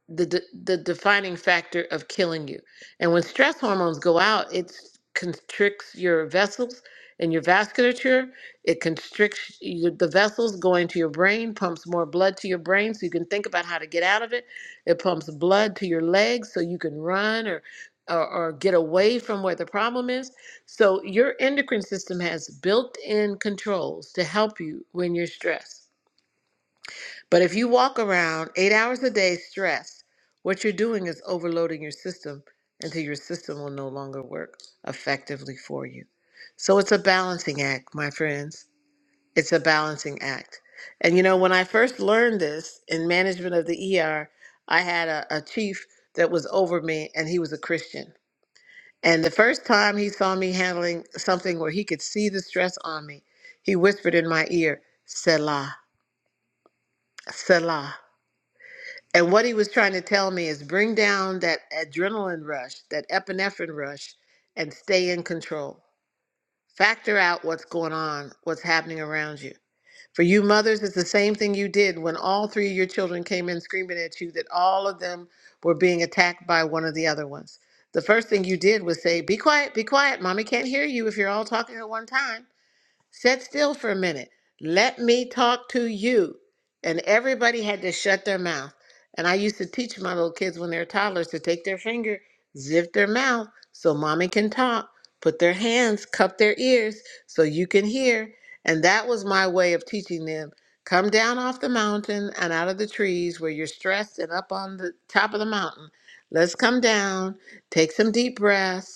the de- the defining factor of killing you. And when stress hormones go out, it constricts your vessels and your vasculature. It constricts your, the vessels going to your brain, pumps more blood to your brain so you can think about how to get out of it. It pumps blood to your legs so you can run or or, or get away from where the problem is. So your endocrine system has built-in controls to help you when you're stressed. But if you walk around eight hours a day stressed, what you're doing is overloading your system until your system will no longer work effectively for you. So it's a balancing act, my friends. It's a balancing act. And you know, when I first learned this in management of the ER, I had a, a chief that was over me, and he was a Christian. And the first time he saw me handling something where he could see the stress on me, he whispered in my ear, Selah, Selah. And what he was trying to tell me is bring down that adrenaline rush, that epinephrine rush, and stay in control. Factor out what's going on, what's happening around you. For you mothers, it's the same thing you did when all three of your children came in screaming at you that all of them were being attacked by one of the other ones. The first thing you did was say, Be quiet, be quiet. Mommy can't hear you if you're all talking at one time. Sit still for a minute. Let me talk to you. And everybody had to shut their mouth. And I used to teach my little kids when they were toddlers to take their finger, zip their mouth so mommy can talk, put their hands, cup their ears so you can hear. And that was my way of teaching them come down off the mountain and out of the trees where you're stressed and up on the top of the mountain. Let's come down, take some deep breaths,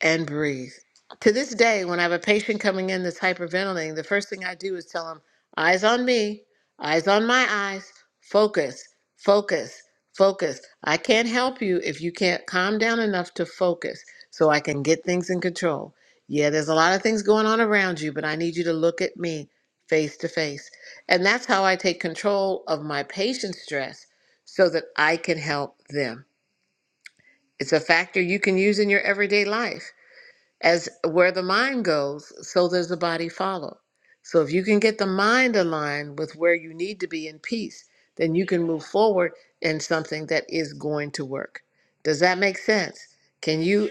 and breathe. To this day, when I have a patient coming in that's hyperventilating, the first thing I do is tell them, eyes on me, eyes on my eyes, focus, focus, focus. I can't help you if you can't calm down enough to focus so I can get things in control. Yeah, there's a lot of things going on around you, but I need you to look at me face to face. And that's how I take control of my patient stress so that I can help them. It's a factor you can use in your everyday life as where the mind goes, so does the body follow. So if you can get the mind aligned with where you need to be in peace, then you can move forward in something that is going to work. Does that make sense? Can you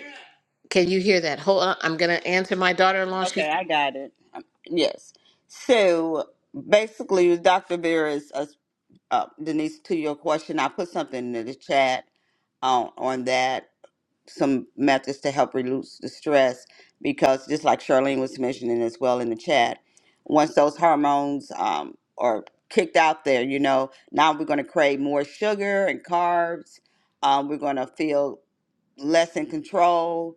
can you hear that? Hold on, I'm gonna answer my daughter-in-law.
Okay,
She's
I got it. Um, Yes. So basically, Dr. Vera is uh, uh, Denise. To your question, I put something in the chat on on that. some methods to help reduce the stress because just like Charlene was mentioning as well in the chat, once those hormones um, are kicked out there, you know, now we're going to crave more sugar and carbs. Um, we're going to feel less in control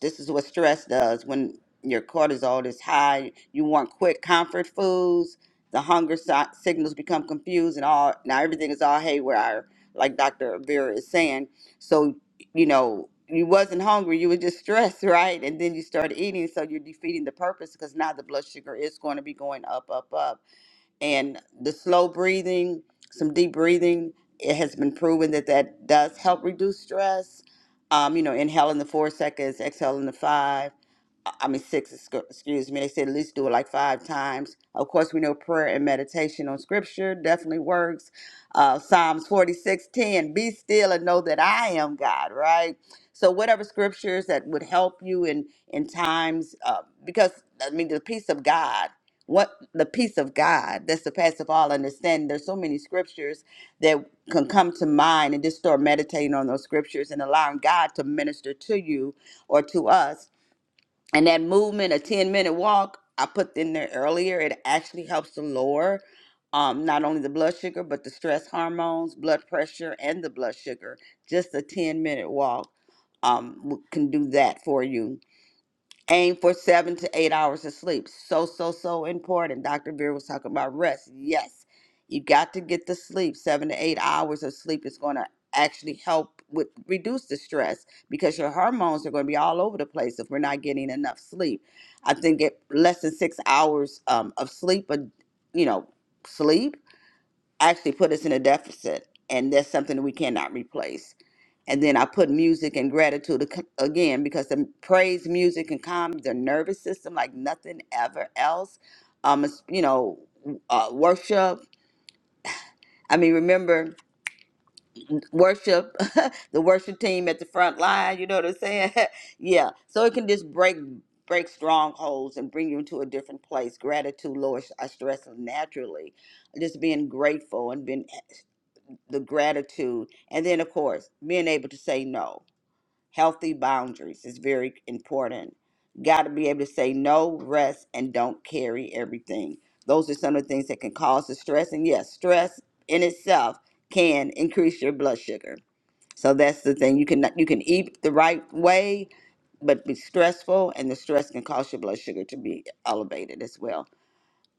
this is what stress does when your cortisol is high you want quick comfort foods the hunger si- signals become confused and all now everything is all haywire like dr vera is saying so you know you wasn't hungry you were just stressed [LAUGHS] right and then you started eating so you're defeating the purpose because now the blood sugar is going to be going up up up and the slow breathing, some deep breathing, it has been proven that that does help reduce stress. Um, you know, inhaling the four seconds, exhaling the five I mean six, excu- excuse me. They said at least do it like five times. Of course, we know prayer and meditation on scripture definitely works. Uh, Psalms 46 10. be still and know that I am God, right? So whatever scriptures that would help you in, in times, uh, because I mean, the peace of God, what the peace of God that surpasses all understanding. There's so many scriptures that can come to mind and just start meditating on those scriptures and allowing God to minister to you or to us and that movement, a 10 minute walk, I put in there earlier, it actually helps to lower um, not only the blood sugar, but the stress hormones, blood pressure, and the blood sugar. Just a 10 minute walk um, w- can do that for you aim for seven to eight hours of sleep. So, so, so important. Dr. Veer was talking about rest. Yes, you got to get the sleep. Seven to eight hours of sleep is going to actually help with reduce the stress because your hormones are going to be all over the place if we're not getting enough sleep. I think it less than six hours um, of sleep, a, you know, sleep actually put us in a deficit, and that's something that we cannot replace. And then I put music and gratitude ac- again because the praise music can calm the nervous system like nothing ever else. Um, it's, you know, uh, worship. I mean, remember worship, [LAUGHS] the worship team at the front line. You know what I'm saying? [LAUGHS] yeah. So it can just break break strongholds and bring you into a different place. Gratitude lowers our stress naturally. Just being grateful and being the gratitude and then of course being able to say no healthy boundaries is very important got to be able to say no rest and don't carry everything those are some of the things that can cause the stress and yes stress in itself can increase your blood sugar so that's the thing you can you can eat the right way but be stressful and the stress can cause your blood sugar to be elevated as well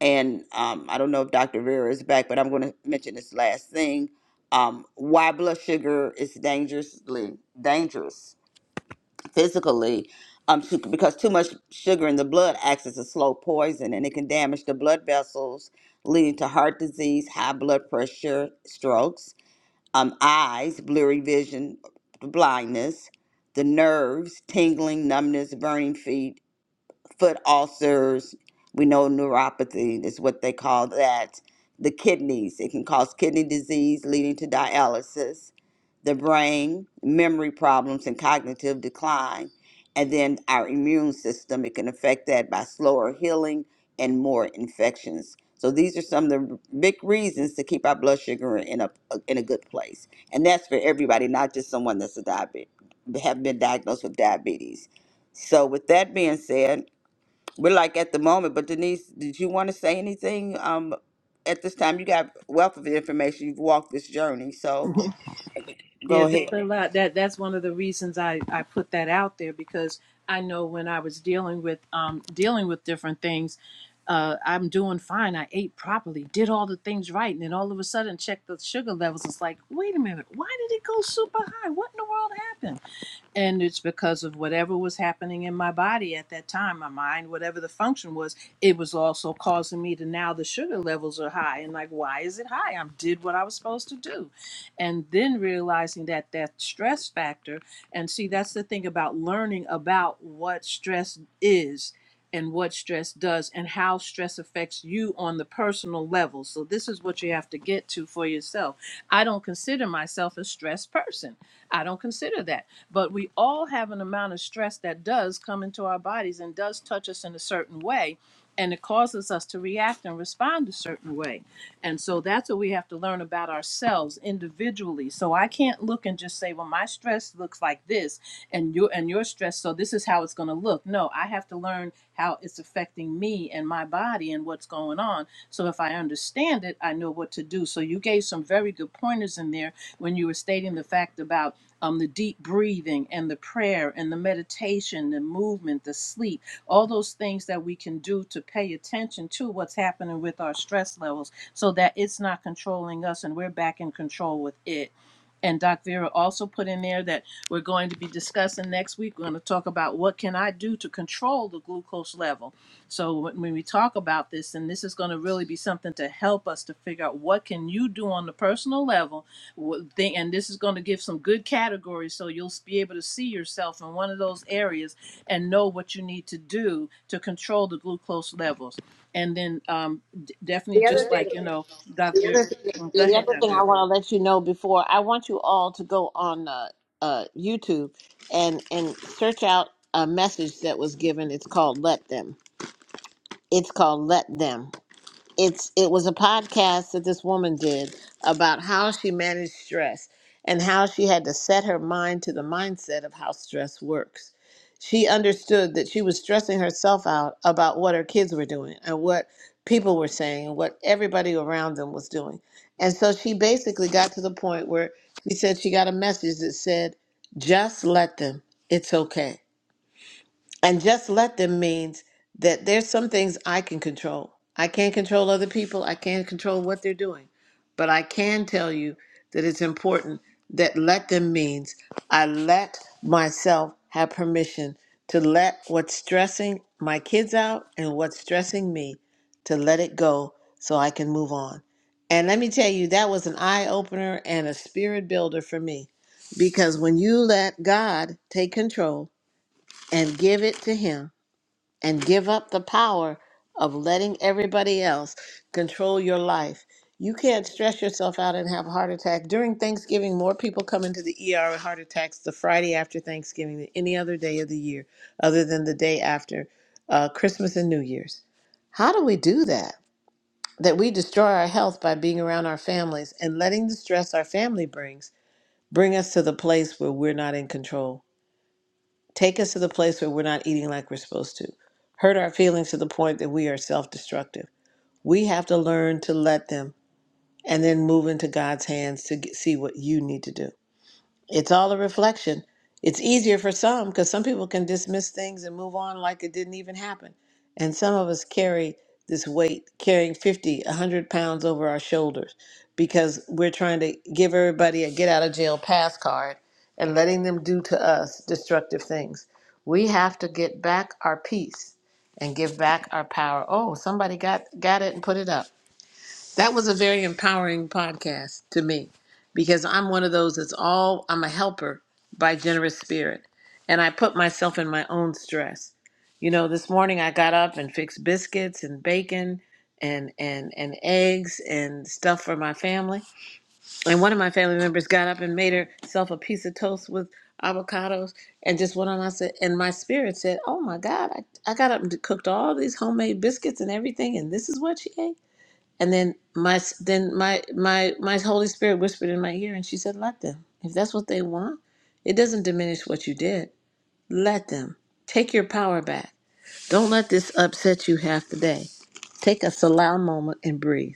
and um, I don't know if Dr. Vera is back, but I'm going to mention this last thing. Um, why blood sugar is dangerously dangerous physically, um, to, because too much sugar in the blood acts as a slow poison, and it can damage the blood vessels, leading to heart disease, high blood pressure, strokes, um, eyes, blurry vision, blindness, the nerves, tingling, numbness, burning feet, foot ulcers. We know neuropathy is what they call that. The kidneys, it can cause kidney disease leading to dialysis, the brain, memory problems, and cognitive decline. And then our immune system, it can affect that by slower healing and more infections. So these are some of the big reasons to keep our blood sugar in a in a good place, and that's for everybody, not just someone that's a diabetic, have been diagnosed with diabetes. So with that being said, we're like at the moment. But Denise, did you want to say anything? Um, at this time, you got a wealth of information. You've walked this journey, so
Yeah,
go ahead.
there's a lot. That that's one of the reasons I I put that out there because I know when I was dealing with um dealing with different things, uh I'm doing fine. I ate properly, did all the things right, and then all of a sudden check the sugar levels. It's like, wait a minute, why did it go super high? What in the world happened? and it's because of whatever was happening in my body at that time my mind whatever the function was it was also causing me to now the sugar levels are high and like why is it high i did what i was supposed to do and then realizing that that stress factor and see that's the thing about learning about what stress is and what stress does and how stress affects you on the personal level so this is what you have to get to for yourself i don't consider myself a stressed person i don't consider that but we all have an amount of stress that does come into our bodies and does touch us in a certain way. And it causes us to react and respond a certain way. And so that's what we have to learn about ourselves individually. So I can't look and just say, well, my stress looks like this and your and your stress, so this is how it's gonna look. No, I have to learn how it's affecting me and my body and what's going on. So if I understand it, I know what to do. So you gave some very good pointers in there when you were stating the fact about um, the deep breathing and the prayer and the meditation, the movement, the sleep, all those things that we can do to pay attention to what's happening with our stress levels so that it's not controlling us and we're back in control with it. And Doc Vera also put in there that we're going to be discussing next week. We're going to talk about what can I do to control the glucose level. So when when we talk about this, and this is going to really be something to help us to figure out what can you do on the personal level thing- And this is going to give some good categories so you'll be able to see yourself in one of those areas and know what you need to do to control the glucose levels. And then um, d- definitely
the other
just
thing.
like, you know, Dr.
The other thing.
Go
yeah, The
ahead,
other
Dr.
thing I want to let you know before I want you all to go on uh, uh, YouTube and and search out a message that was given. It's called "Let Them." It's called "Let Them." it's it was a podcast that this woman did about how she managed stress and how she had to set her mind to the mindset of how stress works. She understood that she was stressing herself out about what her kids were doing and what people were saying and what everybody around them was doing. And so she basically got to the point where she said she got a message that said, just let them. It's okay. And just let them means that there's some things I can control. I can't control other people, I can't control what they're doing. But I can tell you that it's important that let them means I let myself have permission to let what's stressing my kids out and what's stressing me to let it go so I can move on. And let me tell you, that was an eye opener and a spirit builder for me. Because when you let God take control, and give it to Him and give up the power of letting everybody else control your life. You can't stress yourself out and have a heart attack. During Thanksgiving, more people come into the ER with heart attacks the Friday after Thanksgiving than any other day of the year, other than the day after uh, Christmas and New Year's. How do we do that? That we destroy our health by being around our families and letting the stress our family brings bring us to the place where we're not in control. Take us to the place where we're not eating like we're supposed to. Hurt our feelings to the point that we are self destructive. We have to learn to let them and then move into God's hands to get, see what you need to do. It's all a reflection. It's easier for some because some people can dismiss things and move on like it didn't even happen. And some of us carry this weight, carrying 50, a 100 pounds over our shoulders because we're trying to give everybody a get out of jail pass card and letting them do to us destructive things. We have to get back our peace and give back our power. Oh, somebody got got it and put it up. That was a very empowering podcast to me because I'm one of those that's all I'm a helper by generous spirit. And I put myself in my own stress. You know, this morning I got up and fixed biscuits and bacon and and and eggs and stuff for my family. And one of my family members got up and made herself a piece of toast with avocados and just went on I said and my spirit said, Oh my God, I, I got up and cooked all these homemade biscuits and everything and this is what she ate. And then my then my my my Holy Spirit whispered in my ear, and she said, "Let them. If that's what they want, it doesn't diminish what you did. Let them take your power back. Don't let this upset you half the day. Take a salal moment and breathe.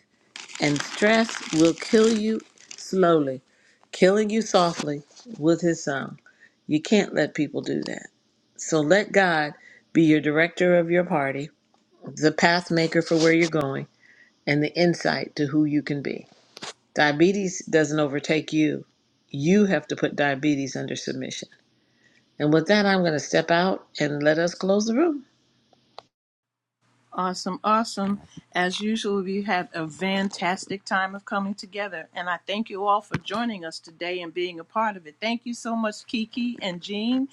And stress will kill you slowly, killing you softly with His song. You can't let people do that. So let God be your director of your party, the path maker for where you're going, and the insight to who you can be." Diabetes doesn't overtake you. You have to put diabetes under submission. And with that, I'm going to step out and let us close the room.
Awesome, awesome. As usual, we had a fantastic time of coming together, and I thank you all for joining us today and being a part of it. Thank you so much, Kiki and Jean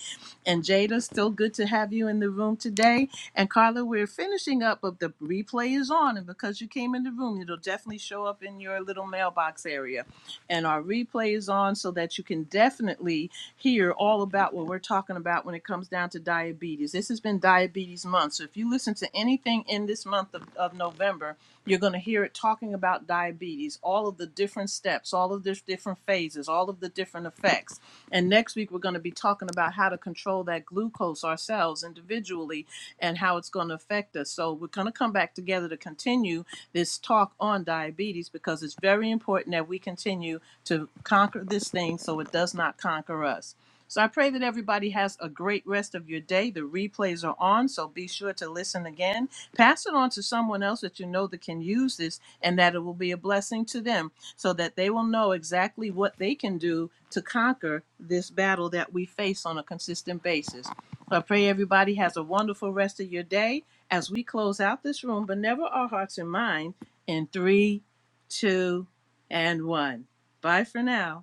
and Jada. Still good to have you in the room today. And Carla, we're finishing up, but the replay is on, and because you came in the room, it'll definitely show up in your little mailbox area and our replay is on so that you can definitely hear all about what we're talking about when it comes down to diabetes. This has been Diabetes Month. So if you listen to anything in this month of, of November, you're going to hear it talking about diabetes, all of the different steps, all of the different phases, all of the different effects. And next week, we're going to be talking about how to control that glucose ourselves individually and how it's going to affect us. So we're going to come back together to continue this talk on diabetes because it's very important that we continue to conquer this thing so it does not conquer us. So I pray that everybody has a great rest of your day. The replays are on, so be sure to listen again. Pass it on to someone else that you know that can use this and that it will be a blessing to them so that they will know exactly what they can do to conquer this battle that we face on a consistent basis. I pray everybody has a wonderful rest of your day as we close out this room, but never our hearts and mind in three, two, and one. Bye for now.